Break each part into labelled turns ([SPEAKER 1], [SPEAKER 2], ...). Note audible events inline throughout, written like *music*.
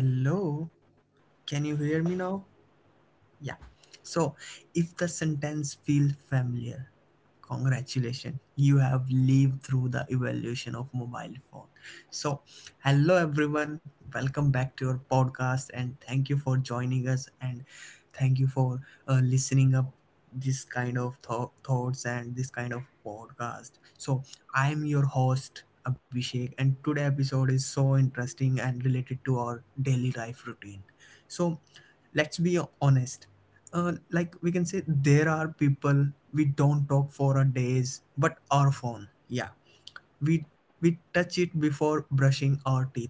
[SPEAKER 1] hello. Can you hear me now? Yeah. So if the sentence feel familiar, congratulations, you have lived through the evolution of mobile phone. So hello everyone, welcome back to your podcast and thank you for joining us and thank you for listening up this kind of thoughts and this kind of podcast. So I am your host Abhishek and today episode is so interesting and related to our daily life routine. So let's be honest, like we can say there are people we don't talk for a days but our phone, yeah, we touch it before brushing our teeth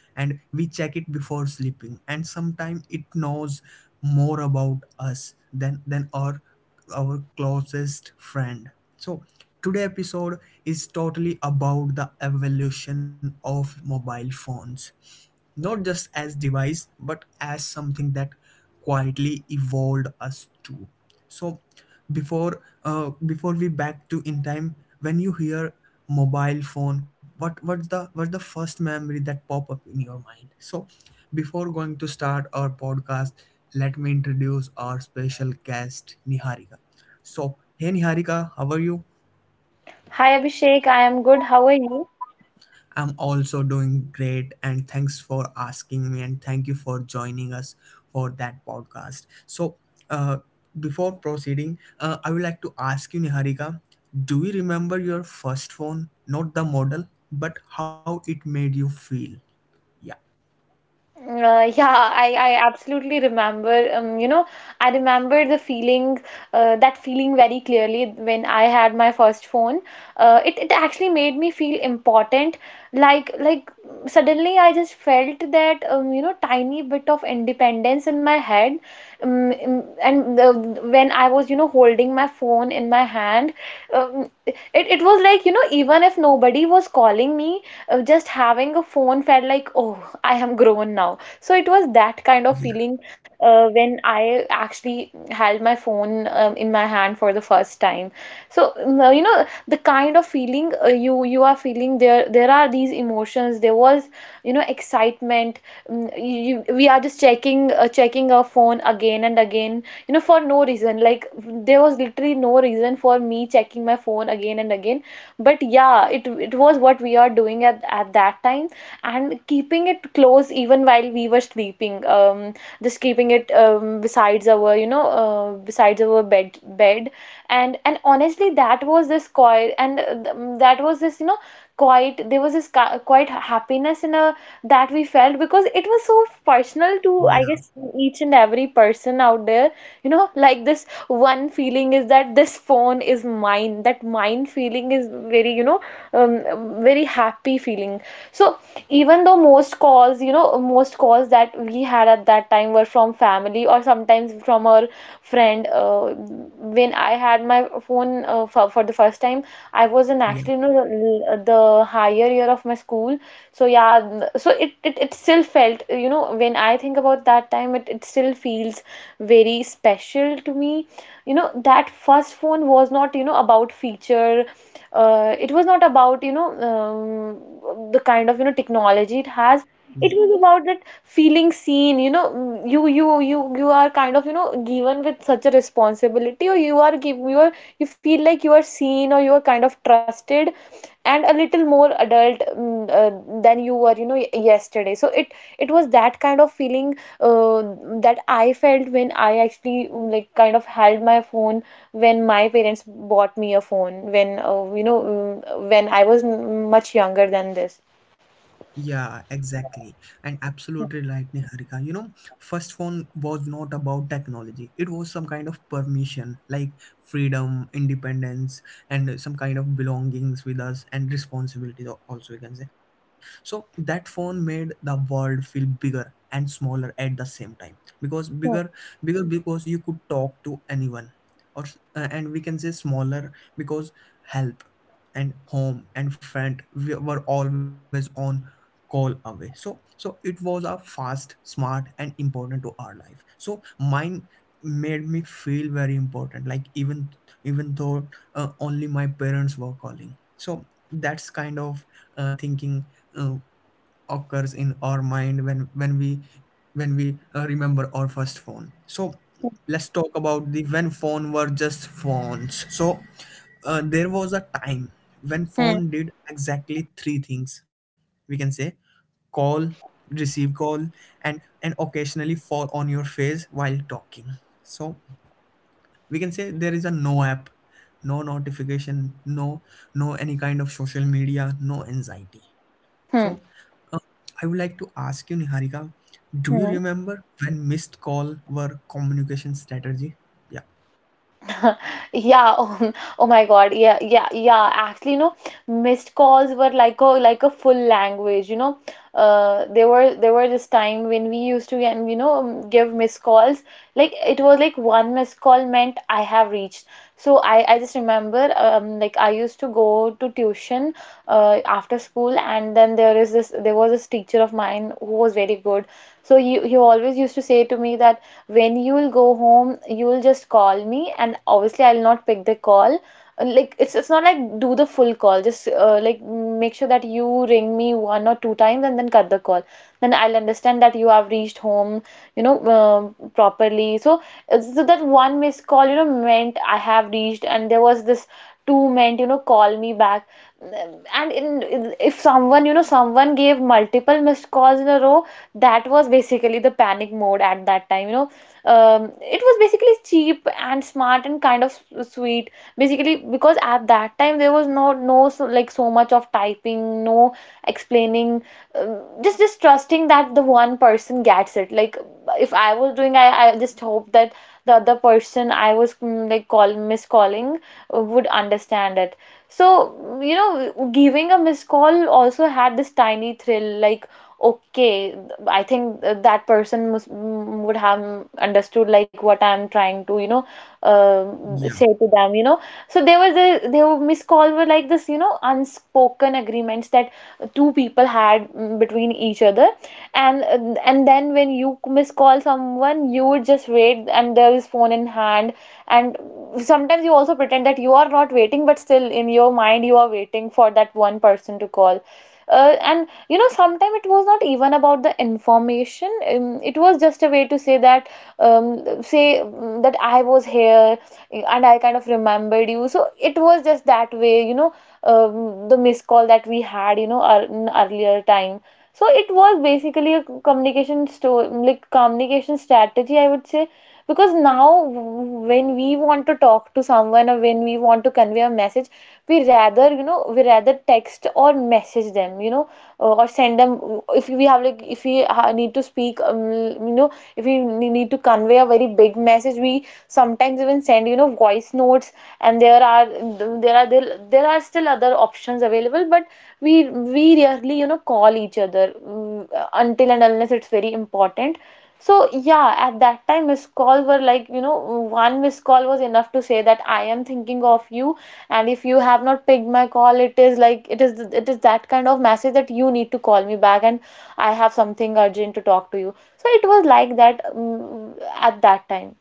[SPEAKER 1] and we check it before sleeping and sometimes it knows more about us than our closest friend. So today episode is totally about the evolution of mobile phones, not just as device but as something that quietly evolved us too. So before we back to in time, when you hear mobile phone, what's the first memory that pop up in your mind? So before going to start our podcast, let me introduce our special guest Niharika. So hey Niharika, how are you?
[SPEAKER 2] Hi Abhishek, I am good. How are you?
[SPEAKER 1] I'm also doing great, and thanks for asking me, and thank you for joining us for that podcast. So, uh, before proceeding, I would like to ask you, Niharika, do you remember your first phone? Not the model, but how it made you feel? Yeah,
[SPEAKER 2] Yeah, I absolutely remember. I remember the feeling, that feeling very clearly when I had my first phone. It actually made me feel important. Like suddenly I just felt that tiny bit of independence in my head. And when I was holding my phone in my hand, it was like, even if nobody was calling me, just having a phone felt like, oh, I am grown now. So it was that kind of
[SPEAKER 1] yeah,
[SPEAKER 2] feeling when I actually held my phone in my hand for the first time. So the kind of feeling, you are feeling there. There are these emotions. There was, excitement. We are just checking our phone again and again. For no reason. Like there was literally no reason for me checking my phone again and again, but yeah, it was what we are doing at that time, and keeping it close even while we were sleeping, just keeping it besides our you know besides our bed. And honestly, that was this quiet, that was this, quite, there was this quite happiness in a that we felt, because it was so personal to,
[SPEAKER 1] yeah,
[SPEAKER 2] I guess, each and every person out there. Like this one feeling is that this phone is mine, that mine feeling is very, um, very happy feeling. So, even though most calls, that we had at that time were from family or sometimes from our friend. When I had my phone for the first time, I was an,
[SPEAKER 1] yeah,
[SPEAKER 2] actually, no, the higher year of my school. So yeah, it still felt, when I think about that time, it still feels very special to me. That first phone was not, about feature. It was not about, the kind of, technology it has. It was about that feeling, seen, you are kind of, given with such a responsibility, or you are give you are you feel like you are seen, or you are kind of trusted, and a little more adult, than you were, yesterday. So it was that kind of feeling, uh, that I felt when I actually, like, kind of held my phone, when my parents bought me a phone, when I was, much younger than this.
[SPEAKER 1] Yeah, exactly. And absolutely right, Niharika. You know, first phone was not about technology. It was some kind of permission, like freedom, independence, and some kind of belongings with us and responsibilities, also we can say. So that phone made the world feel bigger and smaller at the same time. Because
[SPEAKER 2] Hmm.
[SPEAKER 1] bigger because you could talk to anyone. Or and we can say smaller because help and home and friend we were always on call away, so so it was a fast, smart and important to our life. So mine made me feel very important, like even though only my parents were calling. So that's kind of thinking uh, occurs in our mind when we remember our first phone. So let's talk about the when phone were just phones. So there was a time when
[SPEAKER 2] Hmm.
[SPEAKER 1] phone did exactly three things, we can say: call, receive call, and occasionally fall on your face while talking. So we can say there is a no app, no notification, no any kind of social media, no anxiety. So
[SPEAKER 2] Hmm.
[SPEAKER 1] uh, I would like to ask you, Niharika, do you
[SPEAKER 2] Hmm.
[SPEAKER 1] remember when missed call were communication strategy?
[SPEAKER 2] *laughs* Yeah. Oh, oh my God. Yeah, yeah, yeah. Actually, missed calls were like a full language. There were this time when we used to give missed calls. Like it was like one missed call meant, I have reached. So I just remember, like, I used to go to tuition after school, and then there was this teacher of mine who was very good. So he always used to say to me that, when you'll go home, you'll just call me, and obviously I'll not pick the call. Like, it's not like do the full call, just, like, make sure that you ring me one or two times and then cut the call. Then I'll understand that you have reached home, properly. So that one missed call, meant, I have reached, and there was this two meant, call me back. And in if someone, someone gave multiple missed calls in a row, that was basically the panic mode at that time. It was basically cheap and smart and kind of sweet, basically, because at that time there was no, so, like, so much of typing, no explaining, just trusting that the one person gets it. Like, if I was doing I just hope that the other person I was, like, call miscalling, would understand it. So, giving a missed call also had this tiny thrill, like, okay, I think that person, would have understood like what I'm trying to, uh,
[SPEAKER 1] Yeah.
[SPEAKER 2] say to them. So, there was a there were miss call were like this, unspoken agreements that two people had, between each other. And and then when you miss call someone, you would just wait, and there is phone in hand, and sometimes you also pretend that you are not waiting, but still in your mind you are waiting for that one person to call. And sometimes it was not even about the information, it was just a way to say that, um, that I was here, and I kind of remembered you. So it was just that way. The missed call that we had, in earlier time. So it was basically a, communication store like communication strategy, I would say. Because now, when we want to talk to someone, or when we want to convey a message, we rather text or message them. Or send them, if we have like if we ha- need to speak, you know if we need to convey a very big message, we sometimes even send, voice notes. And there are still other options available, but we rarely, call each other, until and unless it's very important. So yeah, at that time missed calls were like, one missed call was enough to say that, I am thinking of you, and if you have not picked my call, it is like it is that kind of message that you need to call me back and I have something urgent to talk to you. So it was like that, at that time.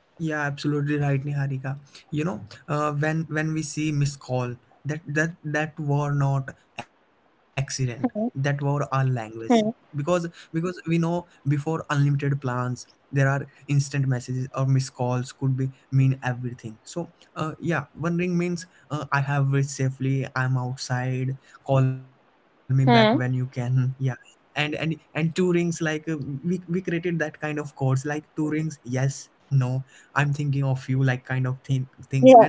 [SPEAKER 1] Yeah, absolutely right, Niharika. You know, when we see miss call, that were not accident. That were our
[SPEAKER 2] Hmm.
[SPEAKER 1] language, because
[SPEAKER 2] Hmm.
[SPEAKER 1] we know before unlimited plans, there are instant messages or miss calls could be mean everything. So, yeah, one ring means I have reached safely. I'm outside. Call me back when you can.
[SPEAKER 2] Hmm.
[SPEAKER 1] Yeah. And, and two rings, like, we created that kind of codes, like two rings, yes, no, I'm thinking of you, like kind of thing things. And
[SPEAKER 2] Yeah.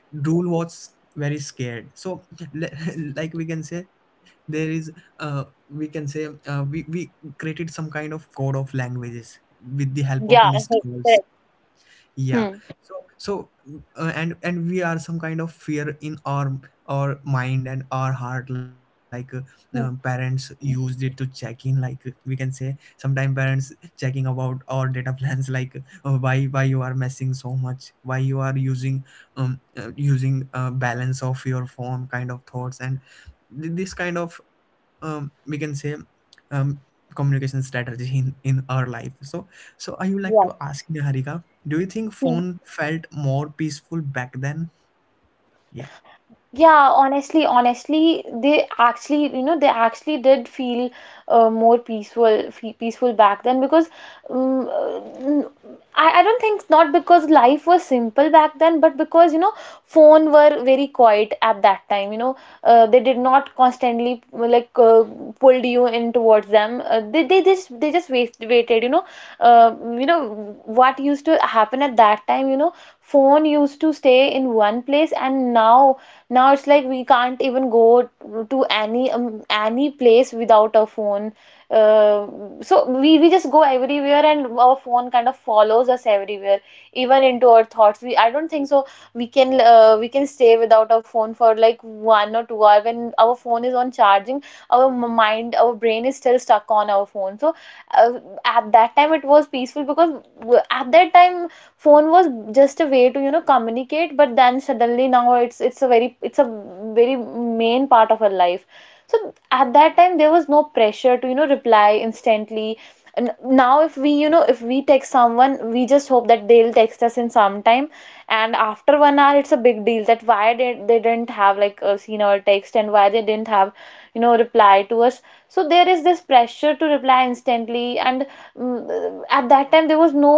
[SPEAKER 1] rule was very scared. So, le- *laughs* like we can say there is we can say we created some kind of code of languages with the help of
[SPEAKER 2] Yeah.
[SPEAKER 1] missed calls.
[SPEAKER 2] Correct.
[SPEAKER 1] Yeah.
[SPEAKER 2] Hmm.
[SPEAKER 1] So so and we are some kind of fear in our mind and our heart, like,
[SPEAKER 2] Hmm.
[SPEAKER 1] parents used it to check in, like, we can say sometimes parents checking about our data plans *laughs* like why you are messing so much, why you are using using balance of your phone kind of thoughts, and this kind of, we can say, um, communication strategy in our life. So so I would like to
[SPEAKER 2] Yeah.
[SPEAKER 1] ask you, Harika, do you think
[SPEAKER 2] Hmm.
[SPEAKER 1] phone felt more peaceful back then? yeah
[SPEAKER 2] Yeah, honestly, honestly, they actually, they actually did feel, more peaceful, fe peaceful back then, because, um, uh, I don't think, not because life was simple back then, but because, phone were very quiet at that time. They did not constantly, pulled you in towards them. They just waited. You know what used to happen at that time? Phone used to stay in one place, and now it's like we can't even go to, any place without a phone. Uh, so we just go everywhere, and our phone kind of follows us everywhere, even into our thoughts. We I don't think so we can, we can stay without our phone for like 1 or 2 hours, when our phone is on charging, our m- mind our brain is still stuck on our phone. So, uh, at that time it was peaceful, because, at that time, phone was just a way to, communicate. But then suddenly now it's a very main part of our life. So, at that time there was no pressure to, reply instantly. And now, if we text someone, we just hope that they'll text us in some time, and after 1 hour it's a big deal that why did they didn't have, seen our text, and why they didn't have, reply to us. So there is this pressure to reply instantly. And, at that time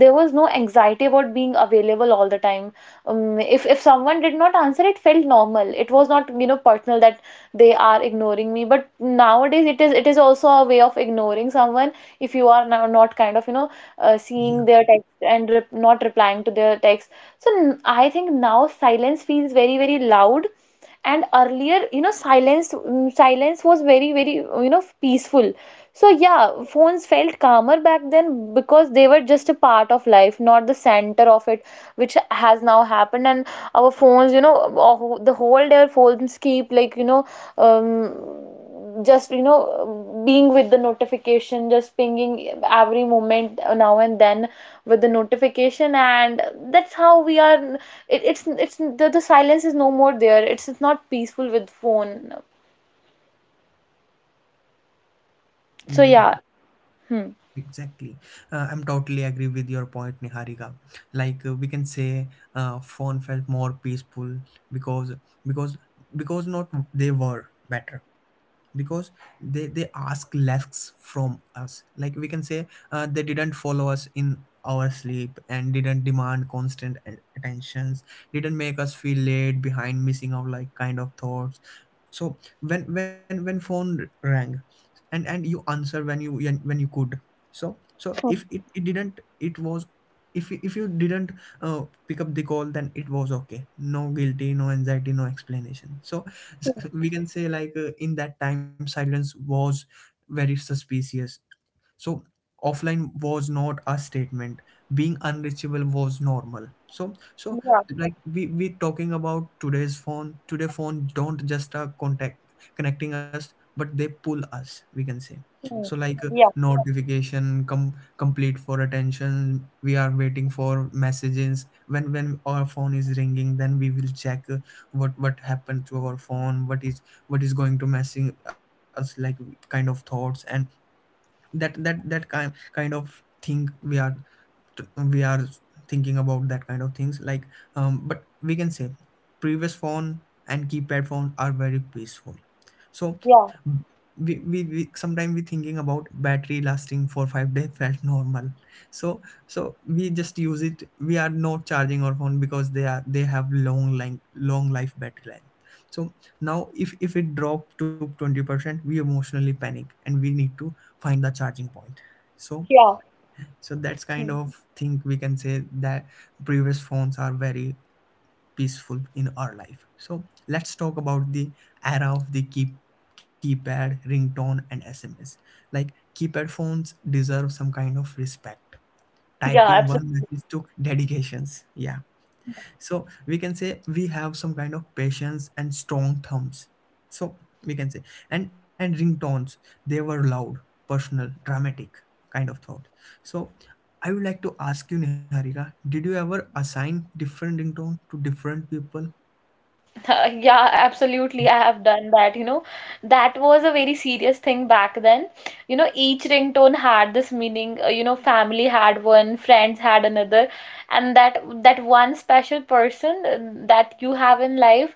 [SPEAKER 2] there was no anxiety about being available all the time. If someone did not answer, it felt normal. It was not, personal, that they are ignoring me. But nowadays it is also a way of ignoring someone, if you are now not kind of,
[SPEAKER 1] yeah
[SPEAKER 2] seeing their text and not replying to their text. So I think now silence feels very, very loud, and earlier, silence was very, very, peaceful. So yeah, phones felt calmer back then because they were just a part of life, not the center of it, which has now happened. And our phones, oh, the whole day our phones keep like, just, being with the notification, just pinging every moment now and then with the notification. And that's how we are, it's the silence is no more there. It's not peaceful with phone. So
[SPEAKER 1] yeah
[SPEAKER 2] yeah. Hmm.
[SPEAKER 1] Exactly. I'm totally agree with your point, Niharika. Like, we can say, phone felt more peaceful because because because not they were better, because they ask less from us. Like we can say, they didn't follow us in our sleep and didn't demand constant attentions. Didn't make us feel late behind, missing out, like kind of thoughts. So when phone rang and you answer when you when you could. So so
[SPEAKER 2] Hmm,
[SPEAKER 1] if it, it didn't it was if you didn't pick up the call, then it was okay, no guilty, no anxiety, no explanation. So
[SPEAKER 2] hmm.
[SPEAKER 1] *laughs* we can say, like, in that time silence was very suspicious. So offline was not a statement. Being unreachable was normal. So so,
[SPEAKER 2] Yeah.
[SPEAKER 1] like, we talking about today's phone. Today phone don't just contact connecting us, but they pull us, we can say. So,
[SPEAKER 2] Hmm.
[SPEAKER 1] like,
[SPEAKER 2] Yeah,
[SPEAKER 1] notification, complete for attention. We are waiting for messages. When our phone is ringing, then we will check what happened to our phone. What is going to messing us, like kind of thoughts. And that kind of thing we are we are thinking about that kind of things, like, but we can say previous phone and keypad phone are very peaceful. So
[SPEAKER 2] yeah,
[SPEAKER 1] we sometimes we thinking about battery lasting for 5 days *laughs* felt normal. So so we just use it, we are not charging our phone because they are they have long life battery life. So now if it drop to 20%, we emotionally panic and we need to find the charging point. So
[SPEAKER 2] yeah,
[SPEAKER 1] so that's kind of thing, we can say that previous phones are very peaceful in our life. So let's talk about the era of the keypad, ringtone and SMS. Like keypad phones deserve some kind of respect. Typing
[SPEAKER 2] yeah,
[SPEAKER 1] one
[SPEAKER 2] absolutely.
[SPEAKER 1] message took dedications. Yeah. So we can say we have some kind of patience and strong thumbs. So we can say and ringtones, they were loud, personal, dramatic kind of thought. So I would like to ask you, Niharika, did you ever assign different ringtone to different people?
[SPEAKER 2] *laughs* Yeah, absolutely. I have done that. You know, that was a very serious thing back then. You know, each ringtone had this meaning. You know, family had one, friends had another, and that one special person that you have in life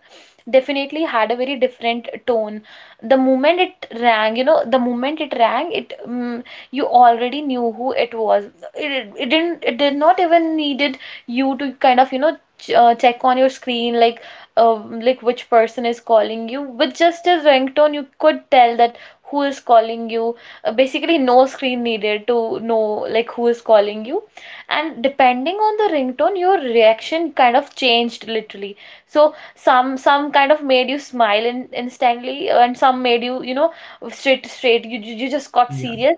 [SPEAKER 2] definitely had a very different tone. The moment it rang, you know, the moment it rang, it you already knew who it was. It didn't. It did not even needed you to kind of check on your screen like uh, like which person is calling you with just a ringtone, you could tell that who is calling you. Basically no screen needed to know like who is calling you, and depending on the ringtone your reaction kind of changed literally. So some kind of made you smile instantly, and some made you you know straight you just got
[SPEAKER 1] Yeah,
[SPEAKER 2] serious.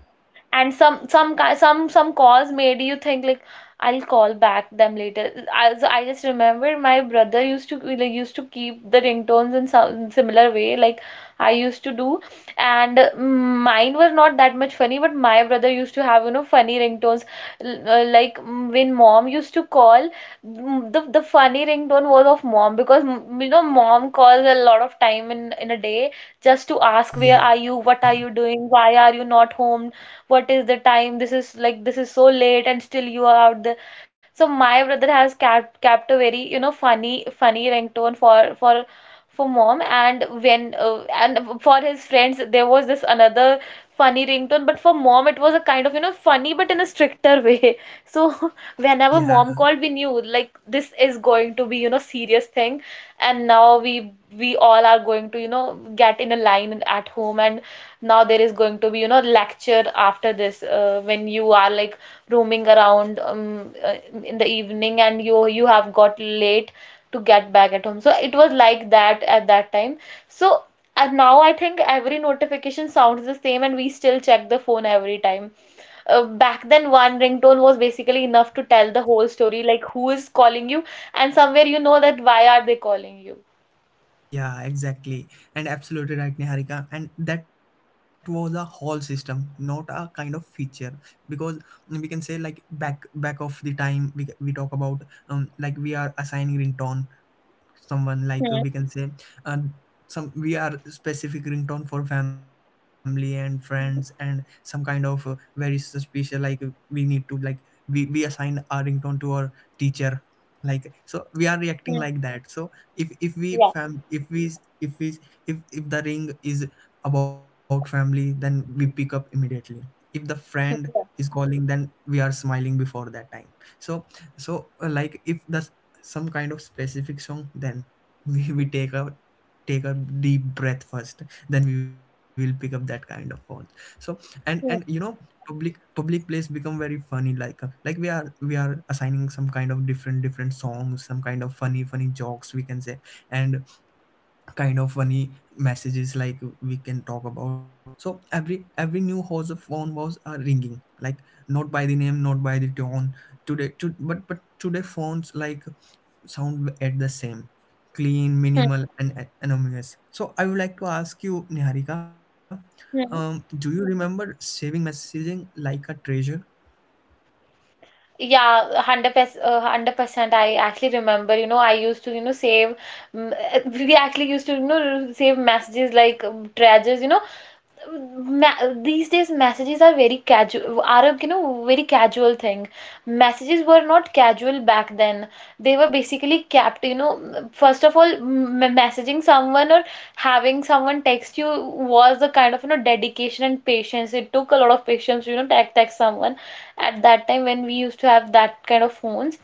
[SPEAKER 2] And some ki- some calls made you think like, I'll call back them later. So I just remember my brother used to like used to keep the ringtones in some similar way like I used to do, and mine were not that much funny. But my brother used to have you know funny ringtones. Like, when mom used to call, the funny ringtone was of mom, because you know, mom calls a lot of time in a day, just to ask where are
[SPEAKER 1] yeah,
[SPEAKER 2] you, what are you doing, why are you not home, what is the time, this is like this is so late and still you are out there. So my brother has kept a very you know funny funny ringtone for mom. And when and for his friends there was this another funny ringtone, but for mom it was a kind of you know funny but in a stricter way. *laughs* So. *laughs* Whenever
[SPEAKER 1] yeah.
[SPEAKER 2] mom called, we knew like this is going to be you know serious thing, and now we all are going to you know get in a line at home, and now there is going to be you know lecture after this, when you are like roaming around, in the evening and you have got late to get back at home. So it was like that at that time. So, and now I think every notification sounds the same and we still check the phone every time. Back then one ringtone was basically enough to tell the whole story like who is calling you, and somewhere you know that why are they calling you.
[SPEAKER 1] Yeah, exactly. And absolutely right, Niharika. And that was a whole system, not a kind of feature. Because we can say, like, back of the time we talk about, like we are assigning ringtone someone, like,
[SPEAKER 2] Hmm.
[SPEAKER 1] we can say, uh, some we are specific ringtone for family and friends, and some kind of very suspicious, like, we need to, like, we assign our ringtone to our teacher, like, so we are reacting
[SPEAKER 2] Hmm.
[SPEAKER 1] like that. So if we
[SPEAKER 2] Yeah.
[SPEAKER 1] fam if we if we if the ring is about family, then we pick up immediately. If the friend
[SPEAKER 2] Hmm.
[SPEAKER 1] is calling, then we are smiling before that time. So so like, if the some kind of specific song, then *laughs* we take a take a deep breath first, then we will pick up that kind of phones. So and you know
[SPEAKER 2] Yeah.
[SPEAKER 1] public place become very funny, like, like, we are assigning some kind of different different songs, some kind of funny funny jokes we can say, and kind of funny messages, like we can talk about. So every new house of phone was are ringing, like not by the name, not by the tone today to, but today phones like sound at the same, clean,
[SPEAKER 2] Hmm.
[SPEAKER 1] minimal and anonymous. So I would like to ask you, Niharika, do
[SPEAKER 2] Hmm.
[SPEAKER 1] you remember saving messaging like a treasure?
[SPEAKER 2] Yeah, 100%, 100%. I actually remember, you know, I used to, you know, save, we actually used to, you know, save messages like treasures, you know. ma- these days messages are very casual, are a, you know, very casual thing. Messages were not casual back then. They were basically kept, you know, first of all, messaging someone or having someone text you was a kind of you know dedication and patience. It took a lot of patience to you know to text someone at that time when we used to have that kind of phones.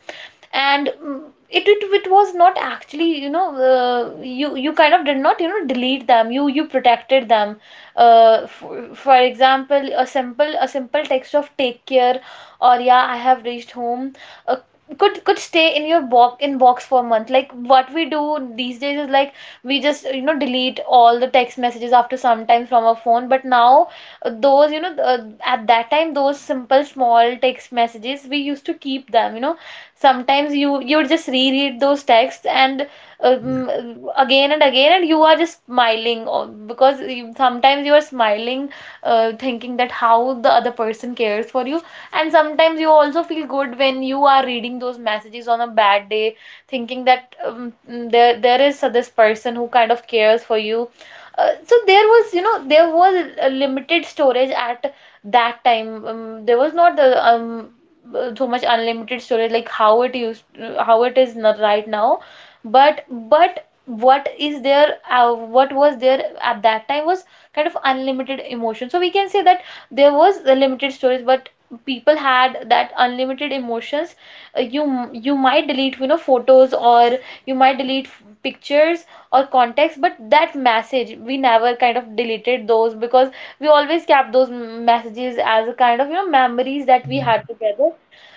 [SPEAKER 2] And it was not actually you know you kind of did not you know delete them, you protected them. For example, a simple text of take care, or yeah I have reached home, uh, could stay in your box inbox for a month. Like what we do these days is like we just you know delete all the text messages after some time from our phone, but now those, you know, at that time, those simple small text messages we used to keep them, you know, sometimes you would just reread those texts, and um, again and again, and you are just smiling because you, sometimes you are smiling, thinking that how the other person cares for you, and sometimes you also feel good when you are reading those messages on a bad day, thinking that there is this person who kind of cares for you. So there was, you know, there was a limited storage at that time. There was not the so much unlimited storage, like how it used, how it is not right now. But what is there, what was there at that time, was kind of unlimited emotion. So we can say that there was a limited storage but people had that unlimited emotions. You you might delete, you know, photos, or you might delete pictures or contacts, but that message we never kind of deleted those, because we always kept those messages as a kind of you know memories that we
[SPEAKER 1] Yeah.
[SPEAKER 2] had together.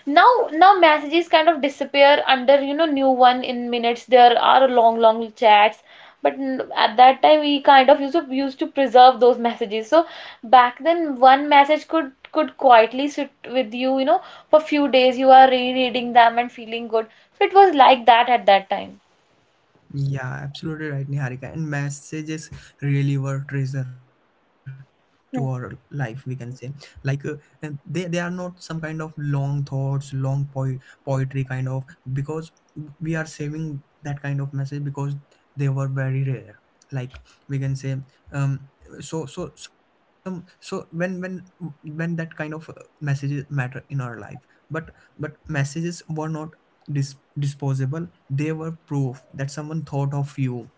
[SPEAKER 2] Now messages kind of disappear under you know new one in minutes, there are long long chats, but at that time we kind of used to preserve those messages. So back then one message could quietly sit with you, you know, for few days you are rereading them and feeling good. So it was like that at that time.
[SPEAKER 1] Yeah, absolutely right, Niharika. And messages really were treasure to our life,
[SPEAKER 2] Hmm.
[SPEAKER 1] we can say. Like, and they are not some kind of long thoughts, long poetry kind of, because we are saving that kind of message because they were very rare. Like we can say, um, so when when that kind of messages matter in our life, but messages were not dis- disposable. They were proof that someone thought of you.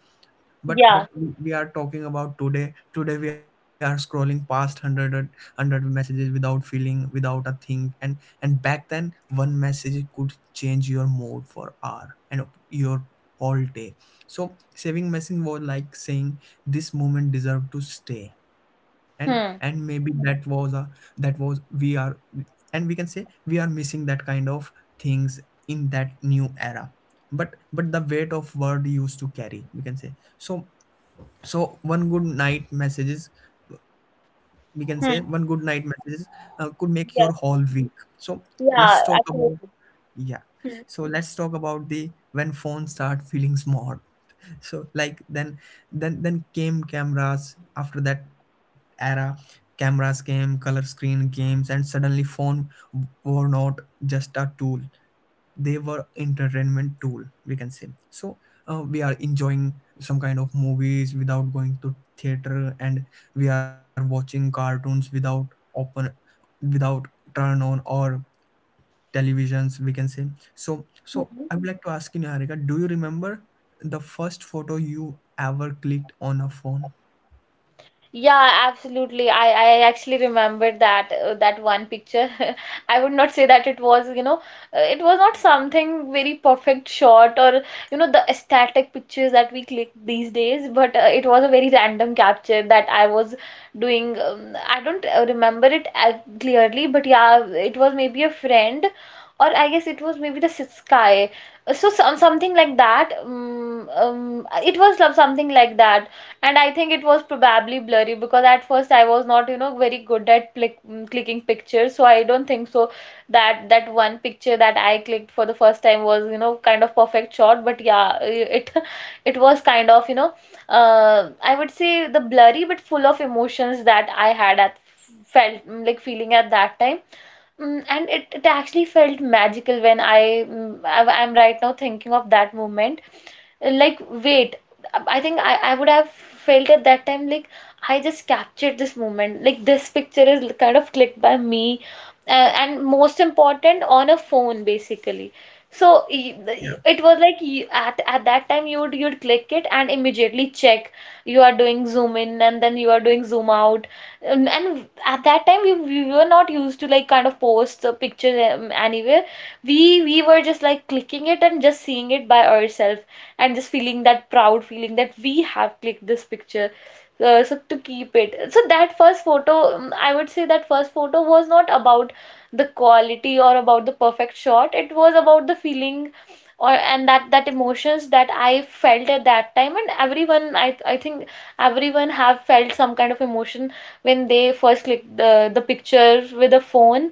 [SPEAKER 1] But but
[SPEAKER 2] Yeah.
[SPEAKER 1] we we are talking about today. Today we are scrolling past 100 messages without feeling, without a thing. And Back then one message could change your mood for hour and your whole day. So saving message was like saying this moment deserved to stay. And and
[SPEAKER 2] Hmm.
[SPEAKER 1] maybe that was a— that was we are and we can say we are missing that kind of things in that new era. But the weight of word used to carry, we can say. So One good night messages, we can say, one good
[SPEAKER 2] Hmm.
[SPEAKER 1] night messages could make your
[SPEAKER 2] Yeah.
[SPEAKER 1] whole week. So let's
[SPEAKER 2] Yeah,
[SPEAKER 1] talk about—
[SPEAKER 2] absolutely.
[SPEAKER 1] yeah, so let's talk about the— when phones start feeling small. So like then— then came cameras. After that era, cameras came, color screen games, and suddenly phone were not just a tool. They were entertainment tool, we can say. So we are enjoying some kind of movies without going to theater, and we are watching cartoons without open, without turn on or televisions, we can say. So I would like to ask you, Niharika, do you remember the first photo you ever clicked on a phone?
[SPEAKER 2] Yeah, absolutely. I actually remembered that, that one picture. *laughs* I would not say that it was, you know, it was not something very perfect shot, or, you know, the aesthetic pictures that we click these days, but it was a very random capture that I was doing. I don't remember it as clearly, but yeah, it was maybe a friend, or I guess it was maybe the sky. So something like that. It was love something like that. And I think it was probably blurry because at first I was not, you know, very good at clicking pictures. So I don't think so that that one picture that I clicked for the first time was, you know, kind of perfect shot. But yeah, it *laughs* it was kind of, you know, I would say, the blurry but full of emotions that I had at felt like feeling at that time. And it actually felt magical when I, mm, I I'm right now thinking of that moment, like wait, I think I would have felt at that time like I just captured this moment, like this picture is kind of clicked by me. And most important, on a phone basically. So it was like, you, at that time you'd click it and immediately check, you are doing zoom in and then you are doing zoom out. And at that time we were not used to like kind of post the picture anywhere. We were just like clicking it and just seeing it by ourselves, and just feeling that proud feeling that we have clicked this picture. So, to keep it, so that first photo, I would say that first photo was not about the quality or about the perfect shot, it was about the feeling, or and that that emotions that I felt at that time. And everyone, I think everyone have felt some kind of emotion when they first clicked the picture with a phone.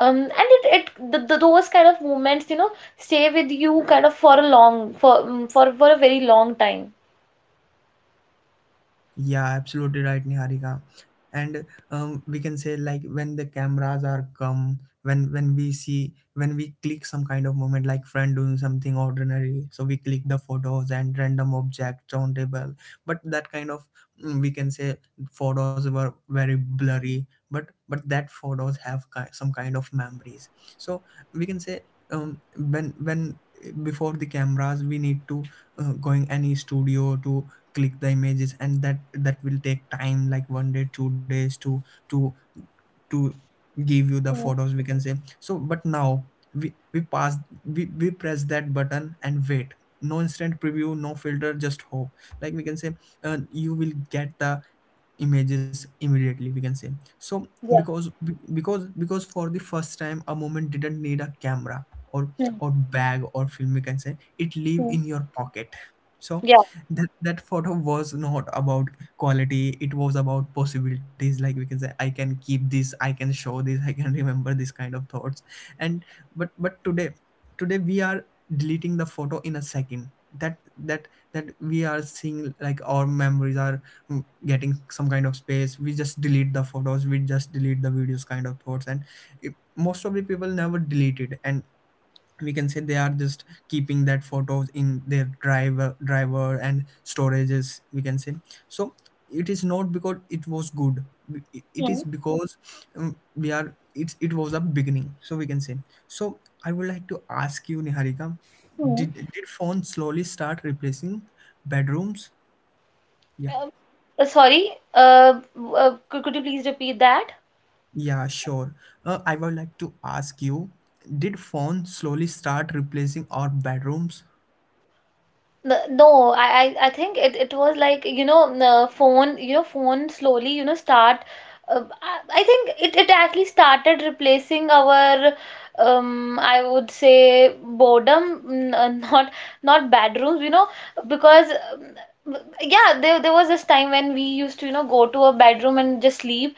[SPEAKER 2] And those kind of moments, you know, stay with you kind of for a long, for mm, for a very long time.
[SPEAKER 1] Yeah, absolutely right, Niharika. And we can say like when the cameras are come, when we see, when we click some kind of moment, like friend doing something ordinary, so we click the photos, and random object on table. But that kind of— we can say, photos were very blurry, but that photos have some kind of memories. So we can say, when before the cameras we need to going any studio to click the images, and that that will take time, like one day 2 days to to to give you the
[SPEAKER 2] Hmm.
[SPEAKER 1] photos, we can say. So but now, we we press that button and wait. No instant preview, no filter, just hope. Like we can say, you will get the images immediately, we can say. So
[SPEAKER 2] Yeah.
[SPEAKER 1] because because for the first time a moment didn't need a camera, or—
[SPEAKER 2] Hmm.
[SPEAKER 1] or bag, or film, we can say. It live
[SPEAKER 2] Hmm.
[SPEAKER 1] in your pocket. So
[SPEAKER 2] Yeah.
[SPEAKER 1] that— that photo was not about quality, it was about possibilities. Like we can say, I can keep this, I can show this, I can *laughs* remember this kind of thoughts. And but today we are deleting the photo in a second. That— that we are seeing, like our memories are getting some kind of space. We just delete the photos, we just delete the videos kind of thoughts. And it, most of the people never delete it, and we can say they are just keeping that photos in their driver and storages, we can say. So it is not because it was good, it is
[SPEAKER 2] Hmm.
[SPEAKER 1] because we are— it was a beginning, so we can say. So I would like to ask you, Niharika,
[SPEAKER 2] Hmm.
[SPEAKER 1] did phones slowly start replacing bedrooms? Yeah.
[SPEAKER 2] Sorry. Could you please repeat that?
[SPEAKER 1] Yeah, sure. I would like to ask you, did phones slowly start replacing our bedrooms?
[SPEAKER 2] No, I think it was like, you know, the phone, you know, phone slowly, you know, start. I think it actually started replacing our, I would say, boredom, *laughs* not bedrooms, you know, because yeah, there was this time when we used to, you know, go to a bedroom and just sleep.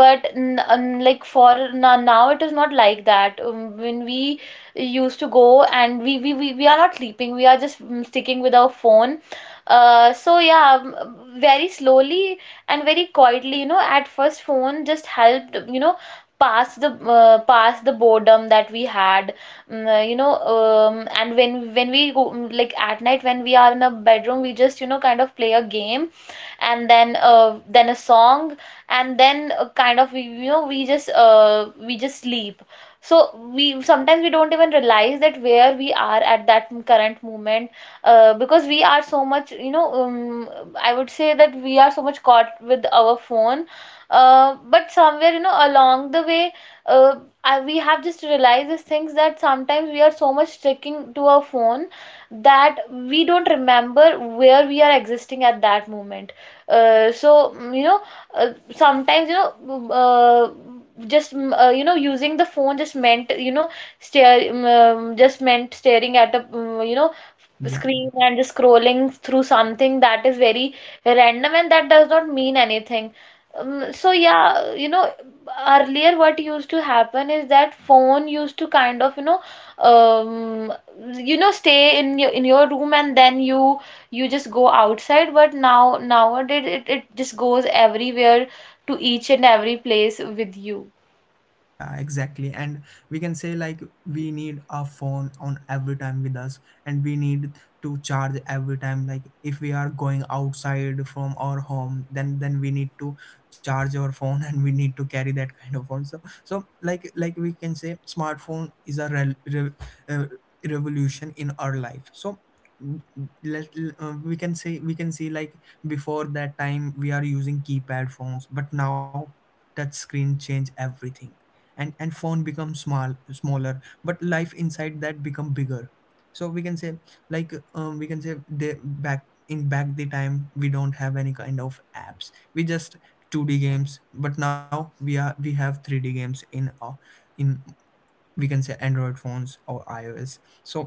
[SPEAKER 2] But n like for now, now it is not like that. When we used to go and we are not sleeping, we are just sticking with our phone, so yeah, very slowly and very quietly, you know, at first phone just helped, you know, pass the boredom that we had. You know, and when we go, like at night when we are in a bedroom, we just, you know, kind of play a game, and then a song, and then kind of we, you know, we just sleep. So we sometimes we don't even realize that where we are at that current moment, because we are so much, you know, I would say that we are so much caught with our phone, but somewhere, you know, along the way, uh, we have just realized these things, that sometimes we are so much sticking to our phone that we don't remember where we are existing at that moment. So you know, sometimes know uh, just you know, using the phone just meant, you know, stare just meant staring at a you know,
[SPEAKER 1] Yeah.
[SPEAKER 2] screen, and just scrolling through something that is very random and that does not mean anything. So yeah, you know, earlier what used to happen is that phone used to kind of, you know, um, stay in your room, and then you just go outside, but now, nowadays, it just goes everywhere, to each and every place with you.
[SPEAKER 1] Yeah, exactly. And we can say like we need a phone on every time with us, and we need to charge every time. Like if we are going outside from our home, then we need to charge our phone *laughs* and we need to carry that kind of phone. So like we can say smartphone is a re re uh, revolution in our life. So mm, let— we can say, we can see like before that time we are using keypad phones, but now touch screen change everything. And phone becomes small— smaller, but life inside that become bigger. So we can say like we can say they— back the time we don't have any kind of apps, we just 2D games. But now we are— we have 3D games in in, we can say, android phones or ios. So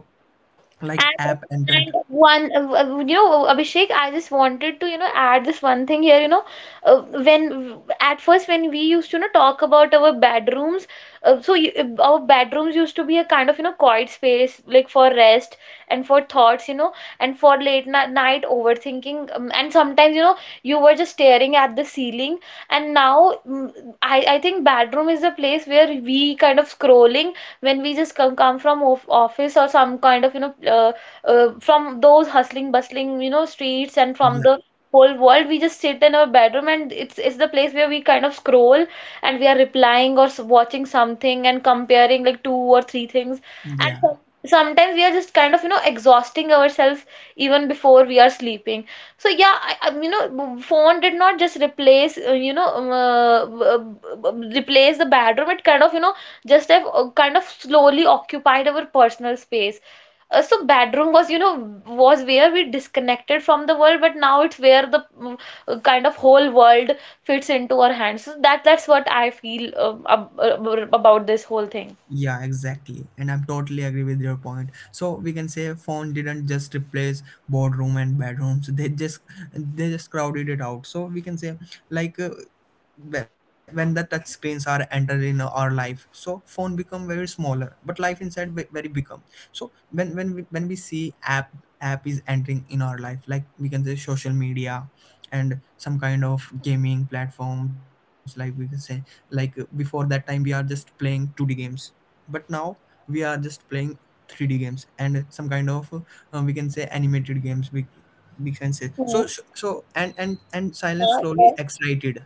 [SPEAKER 1] like
[SPEAKER 2] And
[SPEAKER 1] app entered.
[SPEAKER 2] and one, you know, Abhishek, I just wanted to, you know, add this one thing here. You know, uh, when at first when we used to, you know, talk about our bedrooms, so you, our bedrooms used to be a kind of, you know, quiet space, like for rest and for thoughts, you know, and for late ni night overthinking. And sometimes, you know, you were just staring at the ceiling. And now, I think bedroom is a place where we kind of scrolling, when we just come, come from of office, or some kind of, you know, from those hustling bustling, you know, streets, and
[SPEAKER 1] Yeah.
[SPEAKER 2] from the whole world, we just sit in our bedroom, and it's the place where we kind of scroll, and we are replying or watching something, and comparing like two or three things,
[SPEAKER 1] Yeah.
[SPEAKER 2] and sometimes we are just kind of, you know, exhausting ourselves even before we are sleeping. So yeah, I you know, phone did not just replace, replace the bedroom, it kind of, you know, just have kind of slowly occupied our personal space. So bedroom was, you know, was where we disconnected from the world, but now it's where the kind of whole world fits into our hands. So that's what I feel about this whole thing.
[SPEAKER 1] Yeah, exactly. And I'm totally agree with your point. So we can say phone didn't just replace boardroom and bedrooms. *laughs* They just— they just crowded it out. So we can say like when the touch screens are entered in our life, so phone become very smaller but life inside very become. So when when we see app, app is entering in our life, like we can say, social media and some kind of gaming platforms. Like we can say, like before that time we are just playing 2D games, but now we are just playing 3D games and some kind of we can say animated games, we can say.
[SPEAKER 2] Hmm.
[SPEAKER 1] So and and silence slowly excited.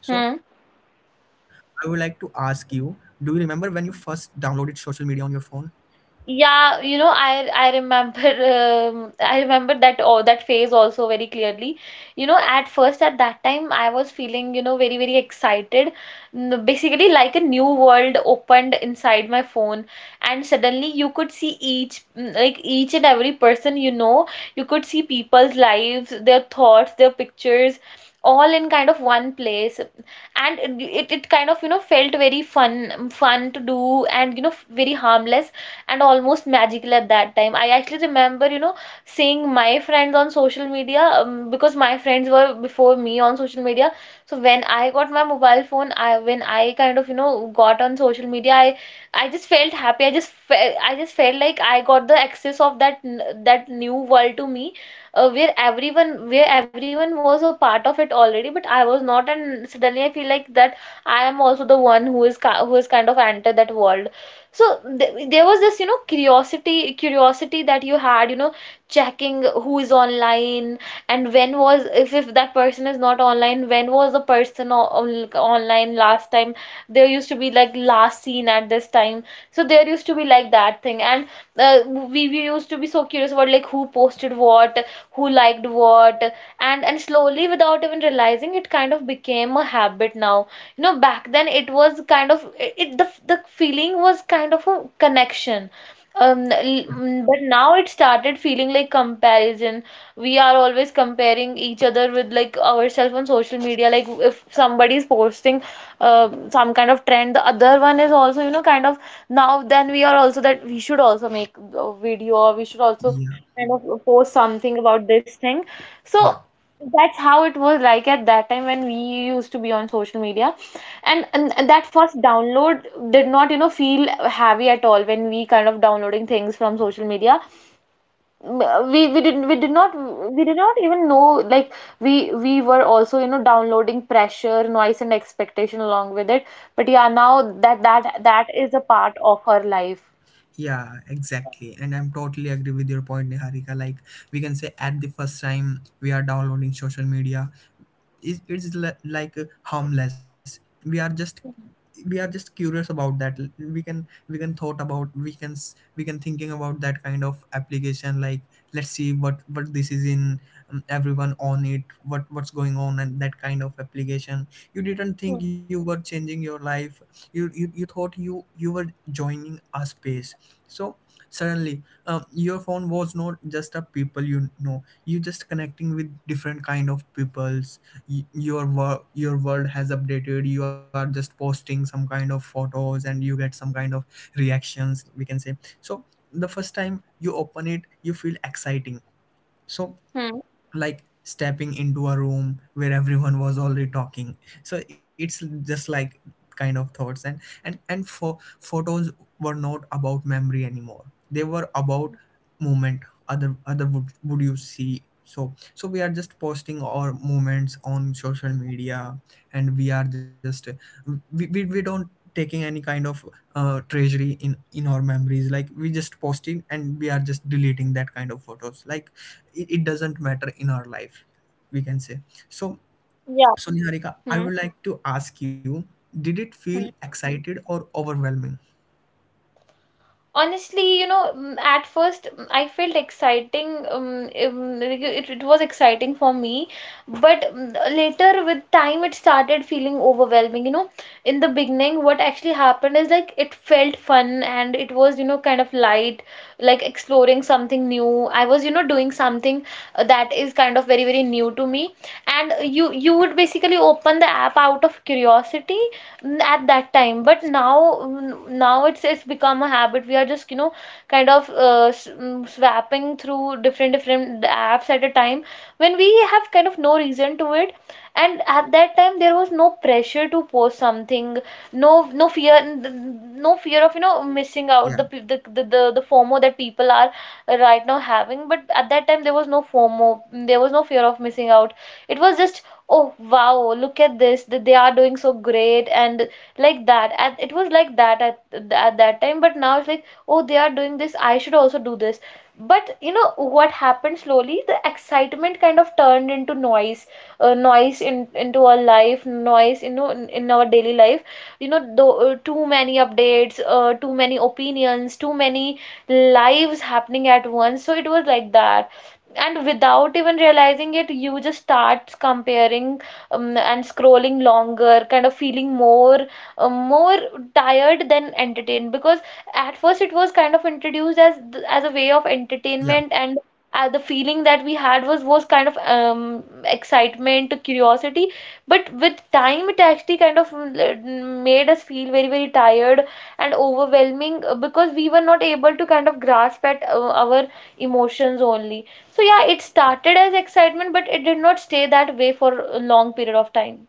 [SPEAKER 1] So
[SPEAKER 2] Hmm.
[SPEAKER 1] I would like to ask you, do you remember when you first downloaded social media on your phone?
[SPEAKER 2] Yeah, you know, I remember *laughs* I remember that, oh, that phase also very clearly. You know, at first, at that time, I was feeling, you know, very very excited. Basically like a new world opened inside my phone, and suddenly you could see each like each and every person, you know. You could see people's lives, their thoughts, their pictures, all in kind of one place, and it kind of, you know, felt very fun fun to do, and you know, very harmless and almost magical at that time. I actually remember, you know, seeing my friends on social media, because my friends were before me on social media. So when I got my mobile phone, I when I kind of, you know, got on social media, I just felt happy. I just felt like I got the access of that that new world to me, where everyone was a part of it already, but I was not, and suddenly I feel like that I am also the one who is who is kind of entered that world. So th there was this, you know, curiosity that you had, you know, checking who is online, and when was, if that person is not online, when was the person on, online last time. There used to be like last seen at this time, so there used to be like that thing. And uh, we used to be so curious about, like, who posted what, who liked what. And slowly, without even realizing, it kind of became a habit now. You know, back then, it was kind of it, the the feeling was kind of a connection.
[SPEAKER 1] Yeah,
[SPEAKER 2] But now it started feeling like comparison. We are always comparing each other with, like, ourselves on social media. Like if somebody is posting uh, some kind of trend, the other one is also, you know, kind of, now then we are also that we should also make a video, or we should also
[SPEAKER 1] yeah,
[SPEAKER 2] kind of post something about this thing. So
[SPEAKER 1] yeah,
[SPEAKER 2] that's how it was like at that time when we used to be on social media. And that first download did not, you know, feel heavy at all when we kind of downloading things from social media. Mm, we did not, we did not even know like we were also, you know, downloading pressure, noise and expectation along with it. But yeah, now that that is a part of our life.
[SPEAKER 1] yeah, exactly. And I'm totally agree with your point, Niharika. Like we can say, at the first time we are downloading social media, is— it's like harmless. We are just— we are just curious about that. We can— we can thought about, we can we can thinking about that kind of application, like let's see what— what this is in, everyone on it, what— what's going on and that kind of application. You didn't
[SPEAKER 2] Hmm.
[SPEAKER 1] think you were changing your life. You— you thought you— you were joining a space. So suddenly, your phone was not just a people, you know, you just connecting with different kind of people. Your work, your world has updated, you are just posting some kind of photos and you get some kind of reactions, we can say. So the first time you open it, you feel exciting. So
[SPEAKER 2] Hmm.
[SPEAKER 1] like stepping into a room where everyone was already talking. So it's just like kind of thoughts, and— and for photos were not about memory anymore, they were about moment. Other— other would you see? So so we are just posting our moments on social media, and we are just— we, we don't taking any kind of treasury in— in our memories. Like we just posting and we are just deleting that kind of photos, like it— it doesn't matter in our life, we can say. So
[SPEAKER 2] Yeah.
[SPEAKER 1] so Niharika, I would like to ask you, did it feel excited or overwhelming?
[SPEAKER 2] Honestly, you know, at first, I felt exciting. Like, it was exciting for me, but later with time, it started feeling overwhelming, you know. In the beginning, what actually happened is, like, it felt fun, and it was, you know, kind of light, like exploring something new. I was, you know, doing something that is kind of very very new to me. And you would basically open the app out of curiosity at that time, but now, now it's become a habit. We are just, you know, kind of swapping through different different apps at a time when we have kind of no reason to it. And at that time, there was no pressure to post something, no fear, no fear of, you know, missing out, the
[SPEAKER 1] Yeah,
[SPEAKER 2] FOMO that people are right now having. But at that time, there was no FOMO, there was no fear of missing out. It was just, oh wow, look at this, that they are doing so great, and like that. And it was like that at that time, but now it's like, oh, they are doing this, I should also do this. But you know what happened, slowly the excitement kind of turned into noise, noise in into our life, noise, you know, in our daily life. You know, though too many updates, too many opinions, too many lives happening at once. So it was like that. And without even realizing it, you just start comparing, and scrolling longer, kind of feeling more, more tired than entertained, because at first it was kind of introduced as as a way of entertainment,
[SPEAKER 1] yeah.
[SPEAKER 2] and the feeling that we had was kind of excitement, curiosity. But with time, it actually kind of made us feel very very tired and overwhelming, because we were not able to kind of grasp at our emotions only. So yeah, it started as excitement, but it did not stay that way for a long period of time.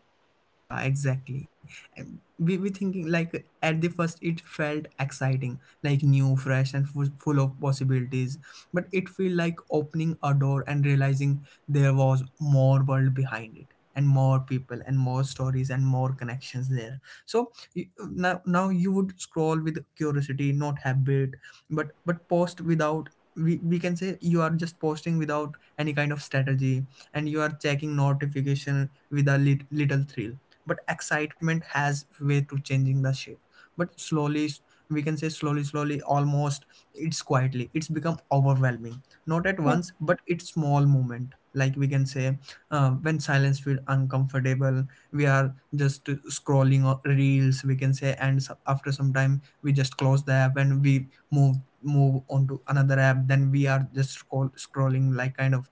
[SPEAKER 1] Yeah, exactly. And we were thinking, like at the first it felt exciting, like new, fresh, and full, full of possibilities. But it feel like opening a door and realizing there was more world behind it, and more people, and more stories, and more connections there. So now, now you would scroll with curiosity, not habit, but— but post without. We can say, you are just posting without any kind of strategy, and you are checking notification with a little thrill. But excitement has way to changing the shape, but slowly, we can say, slowly slowly almost. It's quietly— it's become overwhelming. Not at
[SPEAKER 2] Hmm.
[SPEAKER 1] once, but it's small moment, like we can say, when silence feels uncomfortable, we are just scrolling reels, we can say, and after some time we just close the app and we move on to another app. Then we are just scrolling, like kind of—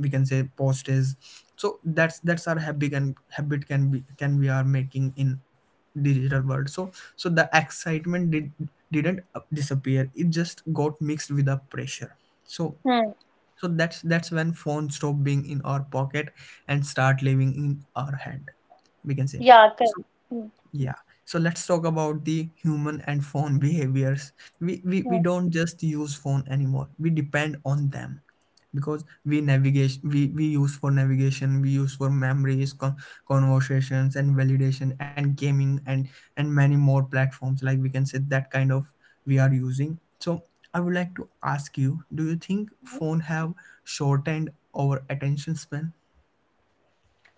[SPEAKER 1] we can say post is. So that's— that's our habit, and habit can be— can— we are making in digital world. So so the excitement did— didn't disappear, it just got mixed with the pressure. So
[SPEAKER 2] Hmm.
[SPEAKER 1] so that's— that's when phone stop being in our pocket and start living in our hand, we can say.
[SPEAKER 2] Yeah, correct.
[SPEAKER 1] So
[SPEAKER 2] Hmm.
[SPEAKER 1] yeah, so let's talk about the human and phone behaviors. We— we,
[SPEAKER 2] Hmm.
[SPEAKER 1] we don't just use phone anymore, we depend on them. Because we— navigation, we use for navigation, we use for memories, conversations, and validation, and gaming, and— and many more platforms, like we can say, that kind of we are using. So I would like to ask you, do you think phone have shortened our attention span?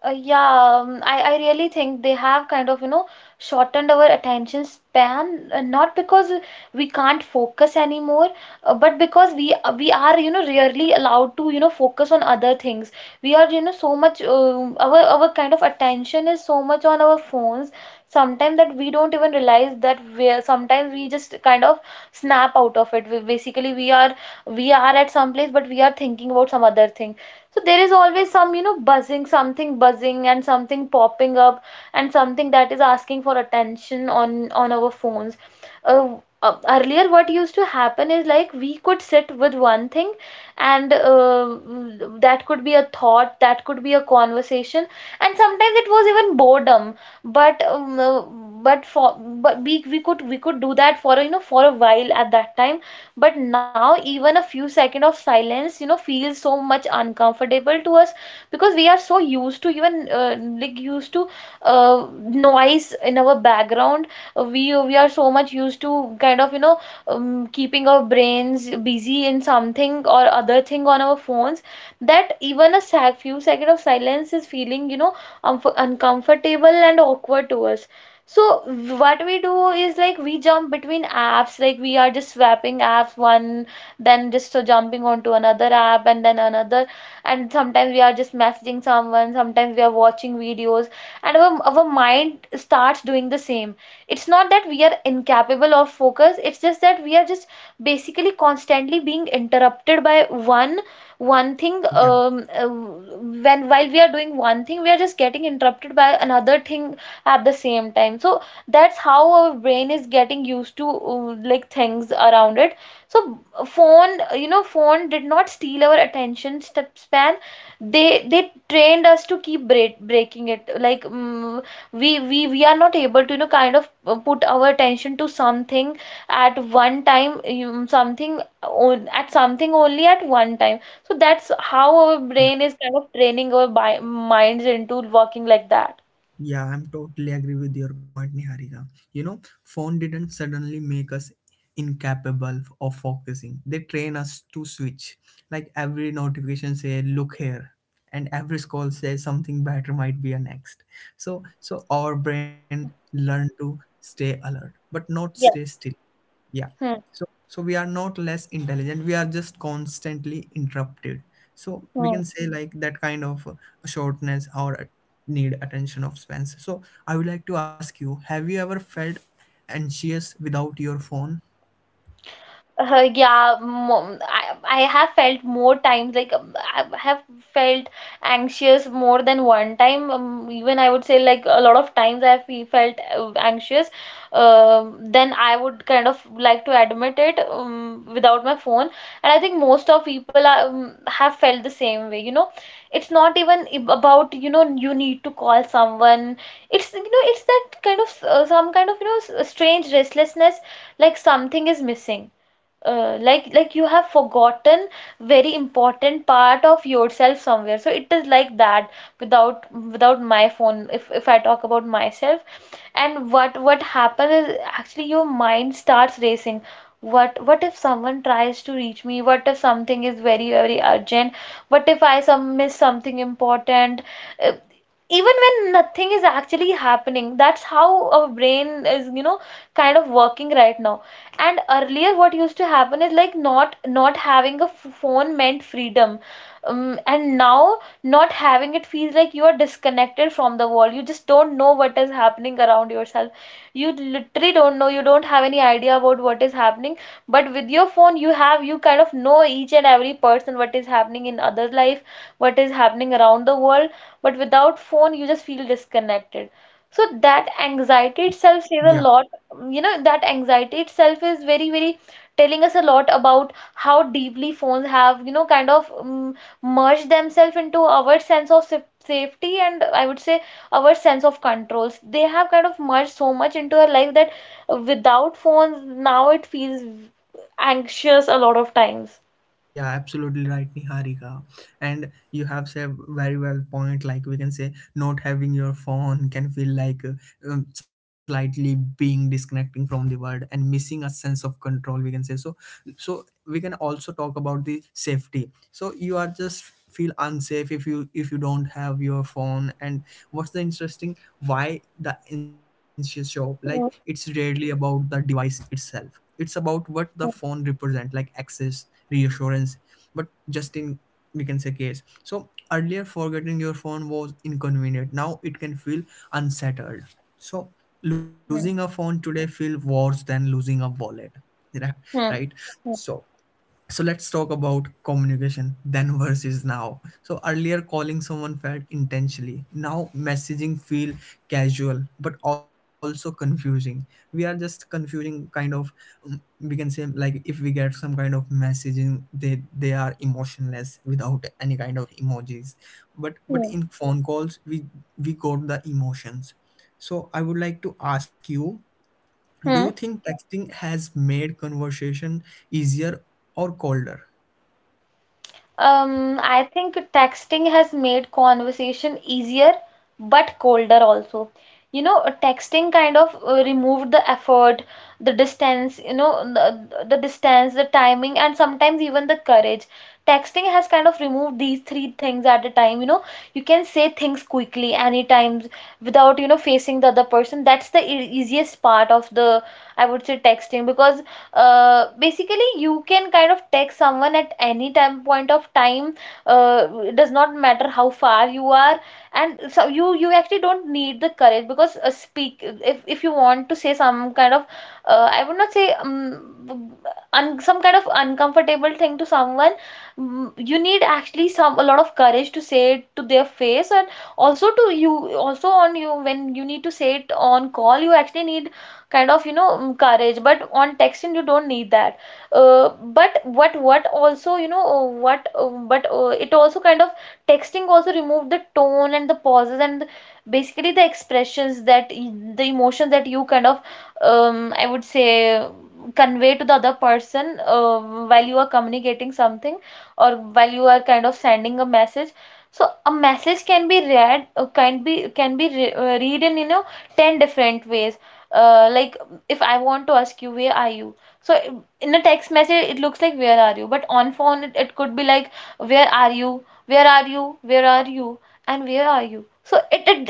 [SPEAKER 2] Yeah, I really think they have kind of, you know, shortened our attention span, not because we can't focus anymore, but because we are, you know, rarely allowed to, you know, focus on other things. We are, you know, so much, our kind of attention is so much on our phones sometimes, that we don't even realize that we sometimes we just kind of snap out of it. We, basically, we are at some place, but we are thinking about some other thing. So there is always some, buzzing, something buzzing, and something popping up, and something that is asking for attention on our phones. uh, Earlier what used to happen is, like, we could sit with one thing, and that could be a thought, that could be a conversation, and sometimes it was even boredom, but um, uh, but for but we could do that for a while at that time. But now even a few seconds of silence feels so much uncomfortable to us, because we are so used to, even like, used to uh, noise in our background. Uh, we we are so much used to, kind of, keeping our brains busy in something or other thing on our phones, that even a sec few seconds of silence is feeling, unf uncomfortable and awkward to us. So what we do is, like, we jump between apps, like we are just swapping apps, one, then just so jumping onto another app, and then another, and sometimes we are just messaging someone, sometimes we are watching videos, and our mind starts doing the same. It's not that we are incapable of focus, it's just that we are just basically constantly being interrupted by one thing.
[SPEAKER 1] Yeah.
[SPEAKER 2] Um uh, when while we are doing one thing we are just getting interrupted by another thing at the same time. So that's how our brain is getting used to, like, things around it. So, phone, phone did not steal our attention step span, they trained us to keep breaking it, like, we are not able to, kind of, put our attention to something at one time, at something only at one time. So that's how our brain is kind of training our minds into working like that.
[SPEAKER 1] Yeah, I'm totally agree with your point, Niharika. You know, phone didn't suddenly make us incapable of focusing. They train us to switch. Like every notification say, look here. And every scroll says something better might be a next. So so our brain learn to stay alert, but not stay
[SPEAKER 2] Yeah.
[SPEAKER 1] still. Yeah.
[SPEAKER 2] Hmm.
[SPEAKER 1] So so we are not less intelligent, we are just constantly interrupted. So we
[SPEAKER 2] Yeah.
[SPEAKER 1] can say like that kind of shortness or need attention of spans. So I would like to ask you, have you ever felt anxious without your phone?
[SPEAKER 2] Yeah, mo I, I have felt more times, like, I have felt anxious more than one time. Even I would say, like, a lot of times I have felt anxious. Um then I would kind of like to admit it, without my phone. And I think most of people have felt the same way. It's not even about, you need to call someone. It's you know it's that kind of, some kind of, strange restlessness, like something is missing, like you have forgotten very important part of yourself somewhere, so it is like that. Without my phone, if I talk about myself, and what happens is, actually, your mind starts racing. What if someone tries to reach me? What if something is very, very urgent? What if I some miss something important? Uh, Even when nothing is actually happening, that's how our brain is, kind of, working right now. And earlier what used to happen is, like, not having a phone meant freedom. And now not having it feels like you are disconnected from the world. You just don't know what is happening around yourself. You literally don't know. You don't have any idea about what is happening. But with your phone, you kind of know each and every person, what is happening in other life, what is happening around the world. But without phone, you just feel disconnected. So that
[SPEAKER 1] Yeah.
[SPEAKER 2] anxiety itself says a lot. That anxiety itself is very, very telling us a lot about how deeply phones have, kind of, merge themselves into our sense of safety, and I would say our sense of controls. They have kind of merged so much into our life that without phones now it feels anxious a lot of times.
[SPEAKER 1] Yeah, absolutely right, Niharika. And you have said very well point. Like we can say, not having your phone can feel like slightly being disconnecting from the world and missing a sense of control, we can say. So. So we can also talk about the safety. So you are just feel unsafe if you don't have your phone, and what's the interesting why the anxious shop, like it's
[SPEAKER 2] Hmm.
[SPEAKER 1] rarely about the device itself, it's about what the phone represent, like access, reassurance, but just in we can say case. So earlier forgetting your phone was inconvenient, now it can feel unsettled. So losing a phone today feel worse than losing a wallet. *laughs*
[SPEAKER 2] Hmm.
[SPEAKER 1] Right. So so let's talk about communication then versus now. So earlier calling someone felt intentionally, now messaging feel casual but also confusing. We are just confusing kind of, we can say, like if we get some kind of messaging, they are emotionless without any kind of emojis. But
[SPEAKER 2] Hmm.
[SPEAKER 1] in phone calls, we got the emotions. So I would like to ask you, do you
[SPEAKER 2] Hmm.
[SPEAKER 1] think texting has made conversation easier or colder?
[SPEAKER 2] I think texting has made conversation easier, but colder also. Texting kind of removed the effort, the distance, the distance, the timing, and sometimes even the courage. Texting has kind of removed these three things at a time. You can say things quickly, anytime, without, facing the other person. That's the e easiest part of the, I would say, texting, because basically you can kind of text someone at any time, point of time. It does not matter how far you are, and so you actually don't need the courage, because speak if you want to say some kind of, I would not say, some kind of uncomfortable thing to someone, you need actually some a lot of courage to say it to their face, and also to you, also on you, when you need to say it on call, you actually need, kind of, courage, but on texting you don't need that. uh, but what also you know what but it also kind of, texting also remove the tone and the pauses, and basically the expressions that the emotion that you kind of, I would say, convey to the other person, while you are communicating something, or while you are kind of sending a message. So a message can be read, can be read in, 10 different ways. Like, if I want to ask you where are you, so in a text message it looks like "where are you," but on phone, it could be like, where are you, where are you, where are you, and where are you. So it, it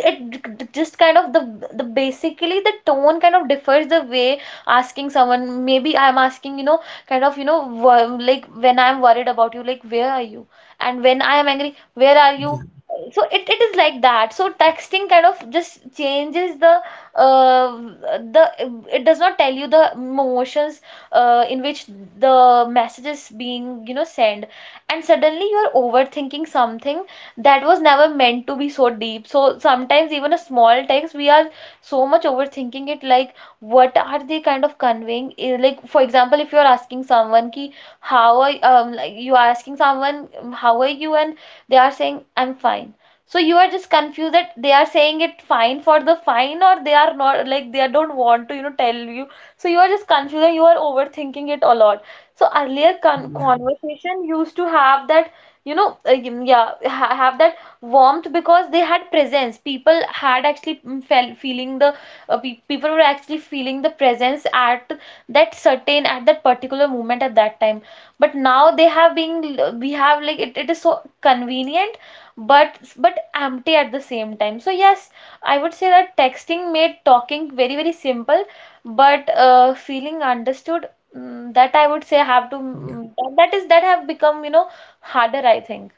[SPEAKER 2] it just kind of, the basically the tone kind of differs, the way asking someone, maybe I'm asking, kind of, like, when I'm worried about you, like where are you, and when I am angry, where are you.
[SPEAKER 1] Yeah,
[SPEAKER 2] So it is like that, so texting kind of just changes the, uh, the it does not tell you the emotions, in which the message is being, sent, and suddenly you are overthinking something that was never meant to be so deep. So sometimes even a small text we are so much overthinking it, like, what are they kind of conveying? Like, for example, if you are asking someone, ki how are like, you are asking someone, how are you, and they are saying I'm fine. So you are just confused that they are saying it fine for the fine, or they are not, like, they don't want to, tell you. So you are just confused and you are overthinking it a lot. So earlier
[SPEAKER 1] yeah,
[SPEAKER 2] conversation used to have that, you know uh, y- yeah ha have that warmth, because they had presence, people had actually, felt feeling the, pe people were actually feeling the presence at that certain at that particular moment, at that time. But now they have been we have, like, it is so convenient, but empty at the same time. So yes, I would say that texting made talking very, very simple, but, feeling understood, that I would say,
[SPEAKER 1] yeah,
[SPEAKER 2] that have become, harder, I think.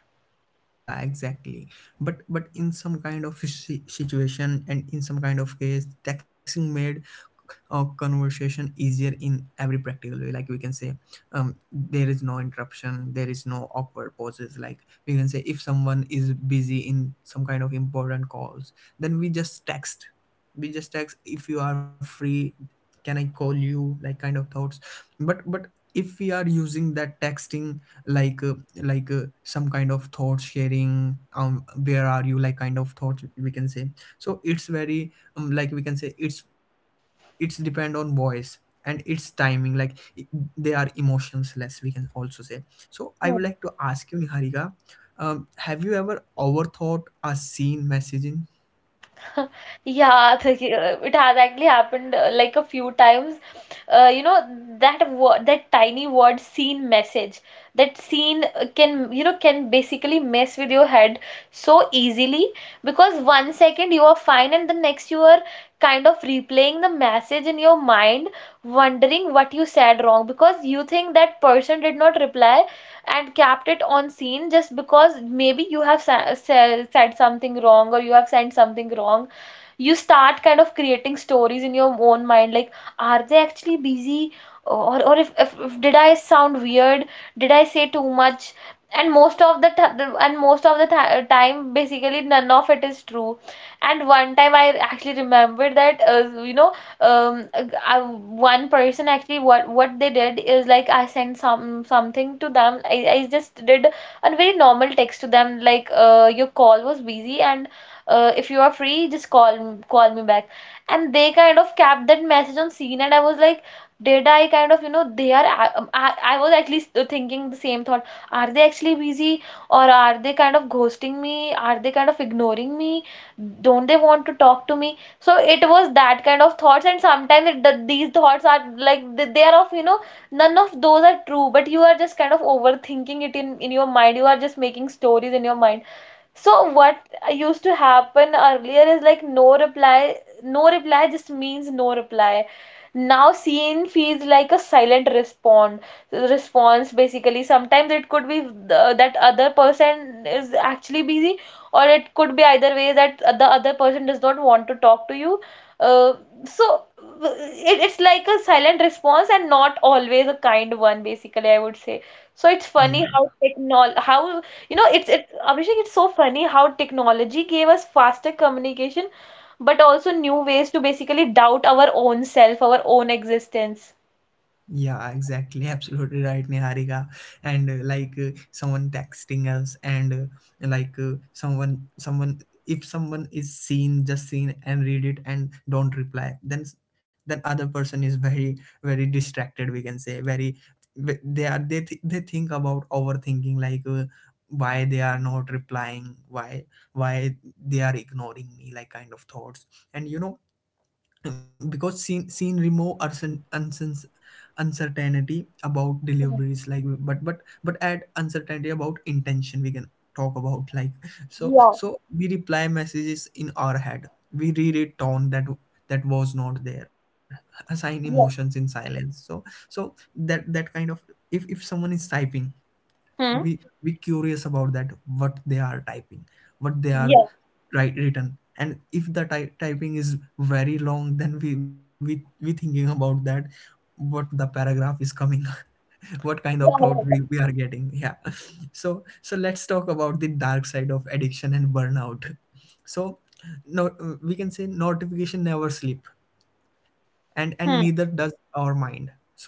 [SPEAKER 1] yeah, exactly. But in some kind of situation and in some kind of case, texting made a conversation easier in every practical way. Like we can say, there is no interruption, there is no awkward pauses. Like we can say, if someone is busy in some kind of important calls, then we just text. We just text. If you are free, can I call you? Like kind of thoughts. But if we are using that texting, like uh, like some kind of thought sharing, where are you, like kind of thoughts we can say. So it's very, like we can say, it's depend on voice and its timing, they are emotions less, we can also say. So I would like to ask you, Niharika, have you ever overthought a scene messaging?
[SPEAKER 2] *laughs* Yeah, the, it has actually happened, like, a few times. Uh, you know that word, that tiny word, scene message. That scene can basically mess with your head so easily, because 1 second you are fine and the next you are kind of replaying the message in your mind, wondering what you said wrong, because you think that person did not reply and kept it on scene, just because maybe you have said something wrong, or you have sent something wrong. You start kind of creating stories in your own mind, like, are they actually busy, or if did I sound weird, did I say too much? And most of the time basically none of it is true. And one time I actually remembered that, um one person actually, what they did is, like, I sent something to them. I just did a very normal text to them, like, your call was busy, and if you are free just call me back. And they kind of kept that message on scene, and I was like, did I kind of, they are I was at least, thinking the same thought, are they actually busy, or are they kind of ghosting me, are they kind of ignoring me, don't they want to talk to me? So it was that kind of thoughts, and sometimes, that these thoughts are like, they are of, none of those are true, but you are just kind of overthinking it in your mind, you are just making stories in your mind. So what used to happen earlier is, like, no reply, no reply just means no reply. Now seen feels like a silent respond response, basically. Sometimes it could be that other person is actually busy, or it could be either way that the other person does not want to talk to you. Uh, so it's like a silent response, and not always a kind one, basically, I would say. So it's
[SPEAKER 1] Yeah.
[SPEAKER 2] funny how technol how, it's Abhishek, it's so funny how technology gave us faster communication, but also new ways to basically doubt our own self, our own existence.
[SPEAKER 1] Yeah, exactly. *laughs* Absolutely right, Niharika. And like someone texting us, and if someone is seen, just seen and read it and don't reply, then then other person is very, very distracted. We can say very. They are, they they think about overthinking, like why they are not replying, why they are ignoring me, like kind of thoughts. And you know, because seen remove or uncertainty about deliveries, like, but add uncertainty about intention, we can talk about. Like so
[SPEAKER 2] Yeah,
[SPEAKER 1] so we reply messages in our head, we read a tone that was not there, assign emotions in
[SPEAKER 2] yeah.
[SPEAKER 1] silence. So that kind of, if someone is typing,
[SPEAKER 2] Hmm.
[SPEAKER 1] we curious about that, what they are typing, what they are
[SPEAKER 2] Yeah,
[SPEAKER 1] write written. And if the typing is very long, then we thinking about that, what the paragraph is coming. *laughs* What kind of thought
[SPEAKER 2] yeah.
[SPEAKER 1] we are getting, yeah. *laughs* So let's talk about the dark side of addiction and burnout. So no, we can say notification never sleep, and neither
[SPEAKER 2] Yeah.
[SPEAKER 1] does our mind. So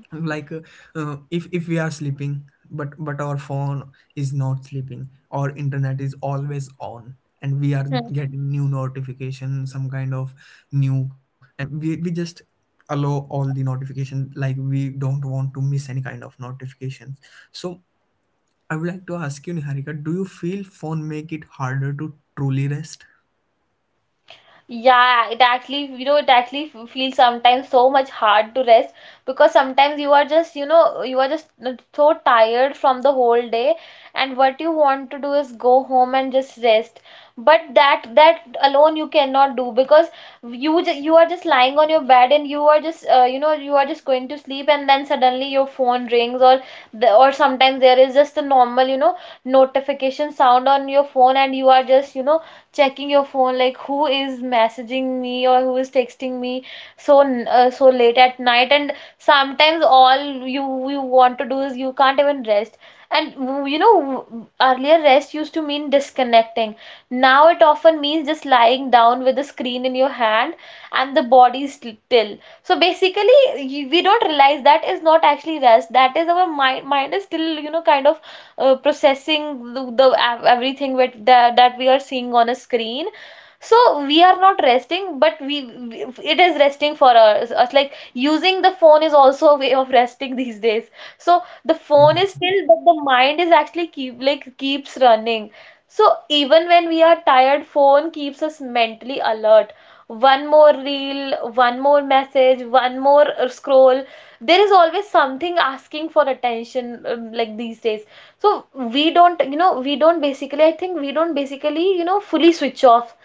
[SPEAKER 1] like if we are sleeping, but our phone is not sleeping, our internet is always on, and we are
[SPEAKER 2] Hmm.
[SPEAKER 1] getting new notification, some kind of new. And we just allow all the notification, like we don't want to miss any kind of notifications. So I would like to ask you, Niharika, do you feel phone make it harder to truly rest?
[SPEAKER 2] Yeah, it actually, you know, it actually feels sometimes so much hard to rest because sometimes you are just, you know, you are just so tired from the whole day, and what you want to do is go home and just rest. But that alone you cannot do because you are just lying on your bed and you are just, you know, you are just going to sleep and then suddenly your phone rings or or sometimes there is just a normal, you know, notification sound on your phone and you are just, you know, checking your phone like who is messaging me or who is texting me so so late at night, and sometimes all you want to do is you can't even rest. And you know, earlier rest used to mean disconnecting. Now it often means just lying down with the screen in your hand and the body still. So basically, we don't realize that is not actually rest. That is our mind is still, you know, kind of processing everything with that we are seeing on a screen. So we are not resting, but we, it is resting for us, like using the phone is also a way of resting *laughs* these days. So the phone
[SPEAKER 1] Yeah.
[SPEAKER 2] is still, but the mind is actually keep like keeps running. So even when we are tired, phone keeps us mentally alert. One more reel, one more message, one more scroll. There is always something asking for attention, like these days. So we don't, you know, we don't basically, I think we don't basically, you know, fully switch off.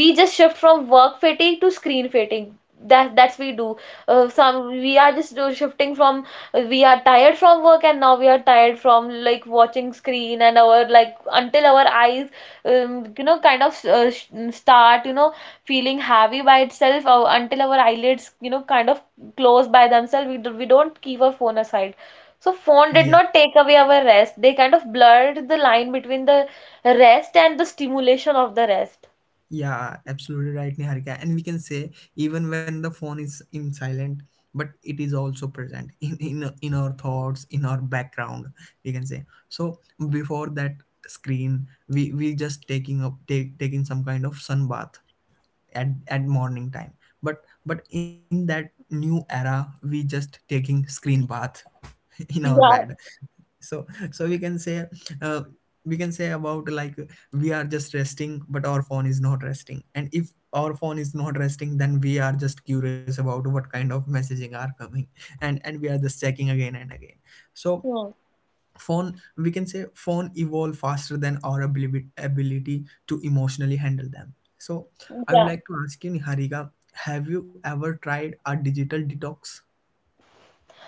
[SPEAKER 2] We just shift from work fatigue to screen fatigue. That's we do. Some we are just shifting from we are tired from work and now we are tired from like watching screen, and our like until our eyes, you know, kind of start, you know, feeling heavy by itself, or until our eyelids, you know, kind of close by themselves, we, do, we don't keep our phone aside. So phone
[SPEAKER 1] Yeah.
[SPEAKER 2] did not take away our rest. They kind of blurred the line between the rest and the stimulation of the rest.
[SPEAKER 1] Yeah, absolutely right, Niharika. And we can say even when the phone is in silent, but it is also present *laughs* in our thoughts, in our background. We can say. So before that screen, we just taking some kind of sun bath at morning time. But but in that new era, we just taking screen bath *laughs* in our
[SPEAKER 2] Yeah.
[SPEAKER 1] bed. So so we can say, uh, we can say about, like we are just resting but our phone is not resting, and if our phone is not resting, then we are just curious about what kind of messaging are coming, and we are just checking again and again. So
[SPEAKER 2] Hmm.
[SPEAKER 1] phone, we can say, phone evolve faster than our ability to emotionally handle them. So I
[SPEAKER 2] Yeah.
[SPEAKER 1] would like to ask you, Niharika, have you ever tried a digital detox?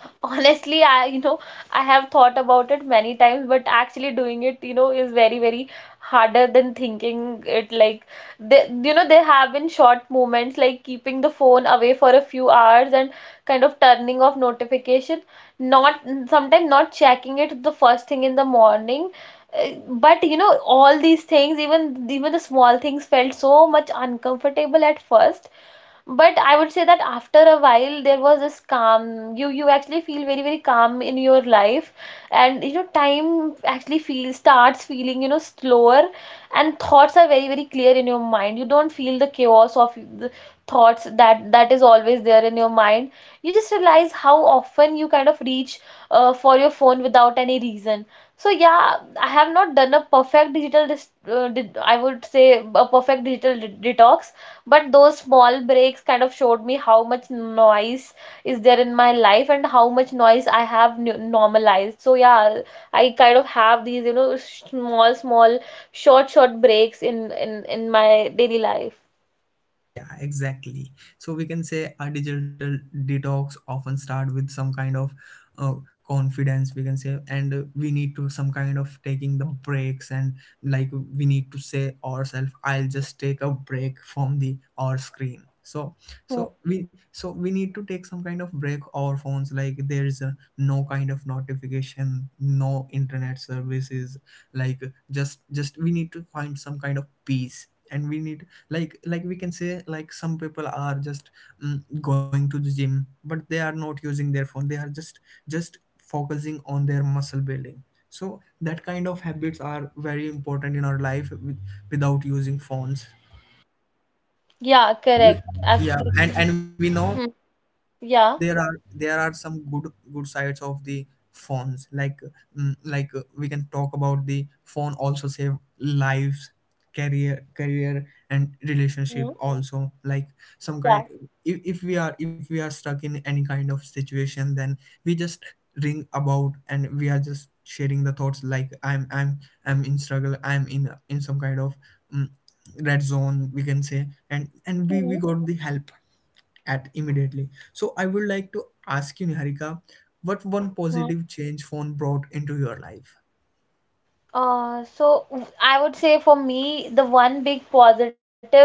[SPEAKER 2] *laughs* Honestly, I, you know, I have thought about it many times, but actually doing it, you know, is very very harder than thinking it. Like they, you know, there have been short moments like keeping the phone away for a few hours and kind of turning off notification, not sometimes not checking it the first thing in the morning. Uh, but you know, all these things, even even the small things, felt so much uncomfortable at first. But I would say that after a while there was this calm. You actually feel very very calm in your life. And you know, time actually feels starts feeling, you know, slower. And thoughts are very very clear in your mind. You don't feel the chaos of the thoughts that is always there in your mind. You just realize how often you kind of reach for your phone without any reason. So yeah, I have not done a perfect digital I would say a perfect digital detox, but those small breaks kind of showed me how much noise is there in my life and how much noise I have n normalized. So yeah, I kind of have these, you know, small, small, short, short breaks in my daily life.
[SPEAKER 1] Yeah, exactly. So we can say a digital detox often start with some kind of, uh, confidence, we can say, and we need to some kind of taking the breaks, and like we need to say ourselves, I'll just take a break from the our screen. So
[SPEAKER 2] Hmm.
[SPEAKER 1] so we need to take some kind of break our phones, like there is a, no kind of notification, no internet services, like, just we need to find some kind of peace. And we need, like we can say, like some people are just, mm, going to the gym but they are not using their phone, they are just just focusing on their muscle building. So that kind of habits are very important in our life, with, without using phones.
[SPEAKER 2] Yeah, correct.
[SPEAKER 1] Yeah.
[SPEAKER 2] Absolutely.
[SPEAKER 1] And we know,
[SPEAKER 2] Hmm.
[SPEAKER 1] we know
[SPEAKER 2] Yeah.
[SPEAKER 1] there are, there are some good good sides of the phones, like, like we can talk about the phone also save lives, career and
[SPEAKER 2] Hmm.
[SPEAKER 1] relationship also. Like some
[SPEAKER 2] Yeah.
[SPEAKER 1] kind, if we are, if we are stuck in any kind of situation, then we just ring about, and we are just sharing the thoughts, like, I'm in struggle, I'm in some kind of, mm, red zone, we can say, and we got the help at immediately. So I would like to ask you, Niharika, what one
[SPEAKER 2] Hmm.
[SPEAKER 1] positive change phone brought into your life?
[SPEAKER 2] So I would say for me, the one big positive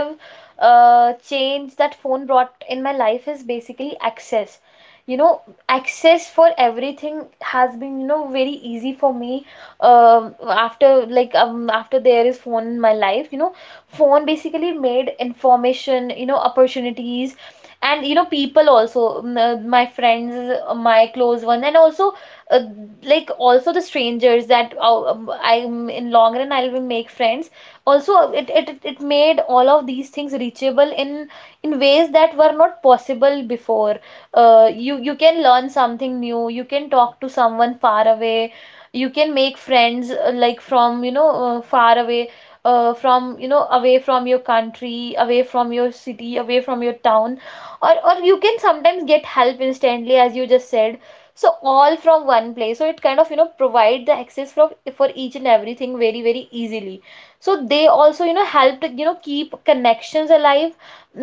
[SPEAKER 2] change that phone brought in my life is basically access. You know, access for everything has been, you know, very easy for me. After like after there is phone in my life, you know, phone basically made information, you know, opportunities, and you know, people also, my friends, my close ones, and also uh, like also the strangers that I'm in long run I will make friends. Also, it made all of these things reachable in ways that were not possible before. You can learn something new. You can talk to someone far away. You can make friends like from you know far away. From you know away from your country, away from your city, away from your town, or you can sometimes get help instantly as you just said. So all from one place. So it kind of, you know, provide the access for each and everything very very easily. So they also, you know, help to, you know, keep connections alive,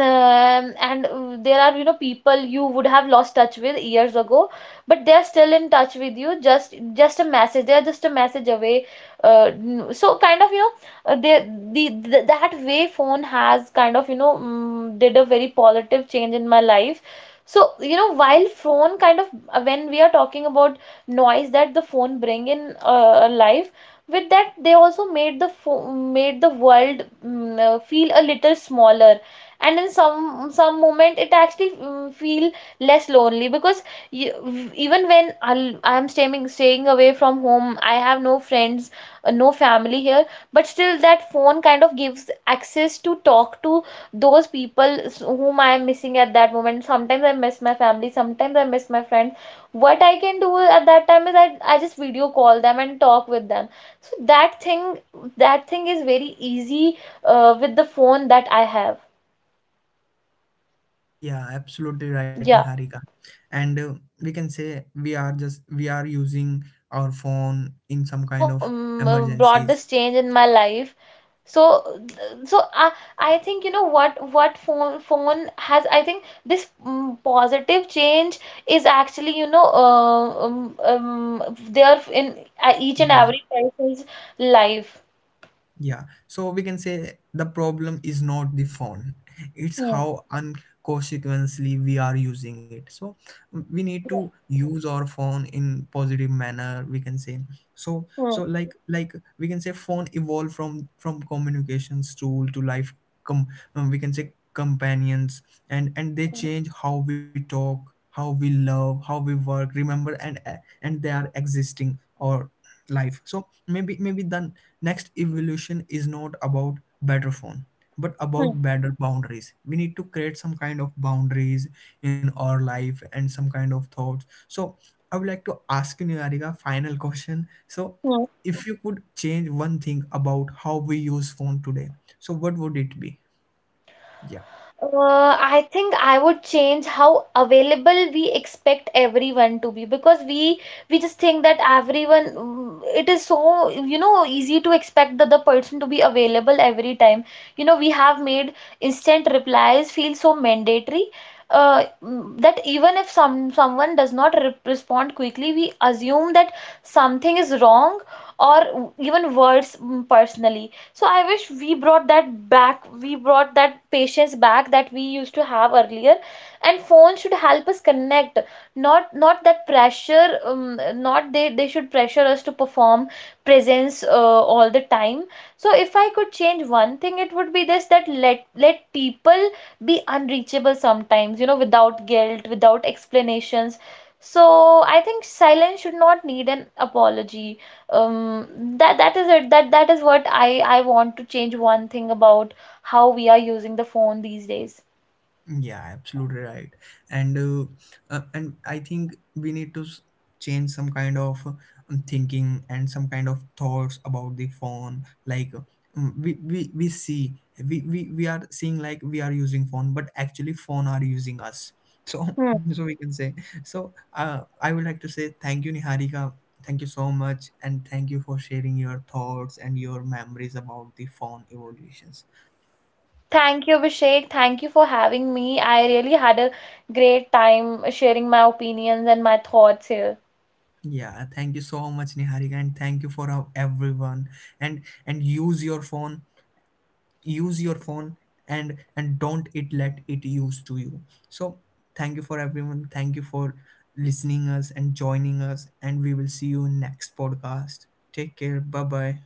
[SPEAKER 2] and there are, you know, people you would have lost touch with years ago, but they are still in touch with you. Just a message, they are just a message away. So kind of you know they, the that way phone has kind of you know did a very positive change in my life. So you know, while phone kind of when we are talking about noise that the phone bring in life, with that they also made the made the world feel a little smaller, and in some moment it actually feel less lonely, because you, even when I'll, I'm staying staying away from home, I have no friends, no family here, but still that phone kind of gives access to talk to those people whom I am missing at that moment. Sometimes I miss my family, sometimes I miss my friends. What I can do at that time is I just video call them and talk with them. So that thing, that thing is very easy with the phone that I have.
[SPEAKER 1] Yeah, absolutely right,
[SPEAKER 2] Yeah.
[SPEAKER 1] Niharika. And
[SPEAKER 2] So
[SPEAKER 1] we
[SPEAKER 2] so
[SPEAKER 1] can
[SPEAKER 2] that
[SPEAKER 1] say
[SPEAKER 2] that's
[SPEAKER 1] we
[SPEAKER 2] that's
[SPEAKER 1] are
[SPEAKER 2] what
[SPEAKER 1] just,
[SPEAKER 2] I
[SPEAKER 1] we are
[SPEAKER 2] feel.
[SPEAKER 1] using
[SPEAKER 2] You know,
[SPEAKER 1] our
[SPEAKER 2] phone
[SPEAKER 1] phone
[SPEAKER 2] has
[SPEAKER 1] in
[SPEAKER 2] kind
[SPEAKER 1] some
[SPEAKER 2] of you
[SPEAKER 1] kind
[SPEAKER 2] know
[SPEAKER 1] of
[SPEAKER 2] brought
[SPEAKER 1] emergencies.
[SPEAKER 2] this change in my life. So so I think you know what phone has, I think this positive change is actually you know there in each and
[SPEAKER 1] Yeah.
[SPEAKER 2] every person's life.
[SPEAKER 1] Yeah, so we can say the problem is not the phone, it's
[SPEAKER 2] Hmm.
[SPEAKER 1] how unconsequently we are using it. So we need to use our phone in positive manner, we can say. So so
[SPEAKER 2] Hmm.
[SPEAKER 1] like like we can say, phone evolved from communications tool to life com, we can say, companions. And they
[SPEAKER 2] Hmm.
[SPEAKER 1] change how we talk, how we love, how we work, remember. And they are existing or life. So maybe the next evolution is not about better phone, but
[SPEAKER 2] Hmm.
[SPEAKER 1] about better boundaries. We need to create some kind of boundaries in our life, and some kind of thoughts. So I would like to ask you, Niharika, final question. So
[SPEAKER 2] Hmm.
[SPEAKER 1] if you could change one thing about how we use phone today, so what would it be? Yeah.
[SPEAKER 2] I think I would change how available we expect everyone to be, because we just think that everyone, it is so you know easy to expect the other person to be available every time. You know, we have made instant replies feel so mandatory, that even if someone does not re respond quickly, we assume that something is wrong, or even worse, personally. So I wish we brought that back. We brought that patience back that we used to have earlier. And phones should help us connect, not not that pressure. Not they they should pressure us to perform presence all the time. So if I could change one thing, it would be this, that let let people be unreachable sometimes, you know, without guilt, without explanations. So I think silence should not need an apology, that is it. That is what I want to change one thing about how we are using the phone these days.
[SPEAKER 1] Yeah, absolutely right. And uh, and I think we need to change some kind of, thinking, and some kind of thoughts about the phone. Like we see, we are seeing like we are using phone, but actually phone are using us. So
[SPEAKER 2] Hmm.
[SPEAKER 1] *laughs* so we can say so. I would like to say thank you, Niharika. Thank you so much, and thank you for sharing your thoughts and your memories about the phone evolutions.
[SPEAKER 2] Thank you, Abhishek. Thank you for having me. I really had a great time sharing my opinions and my thoughts here.
[SPEAKER 1] Yeah, thank you so much, Niharika, and thank you for everyone. And use your phone, and don't it let it use to you. So thank you for everyone. Thank you for listening us and joining us. And we will see you in next podcast. Take care. Bye bye.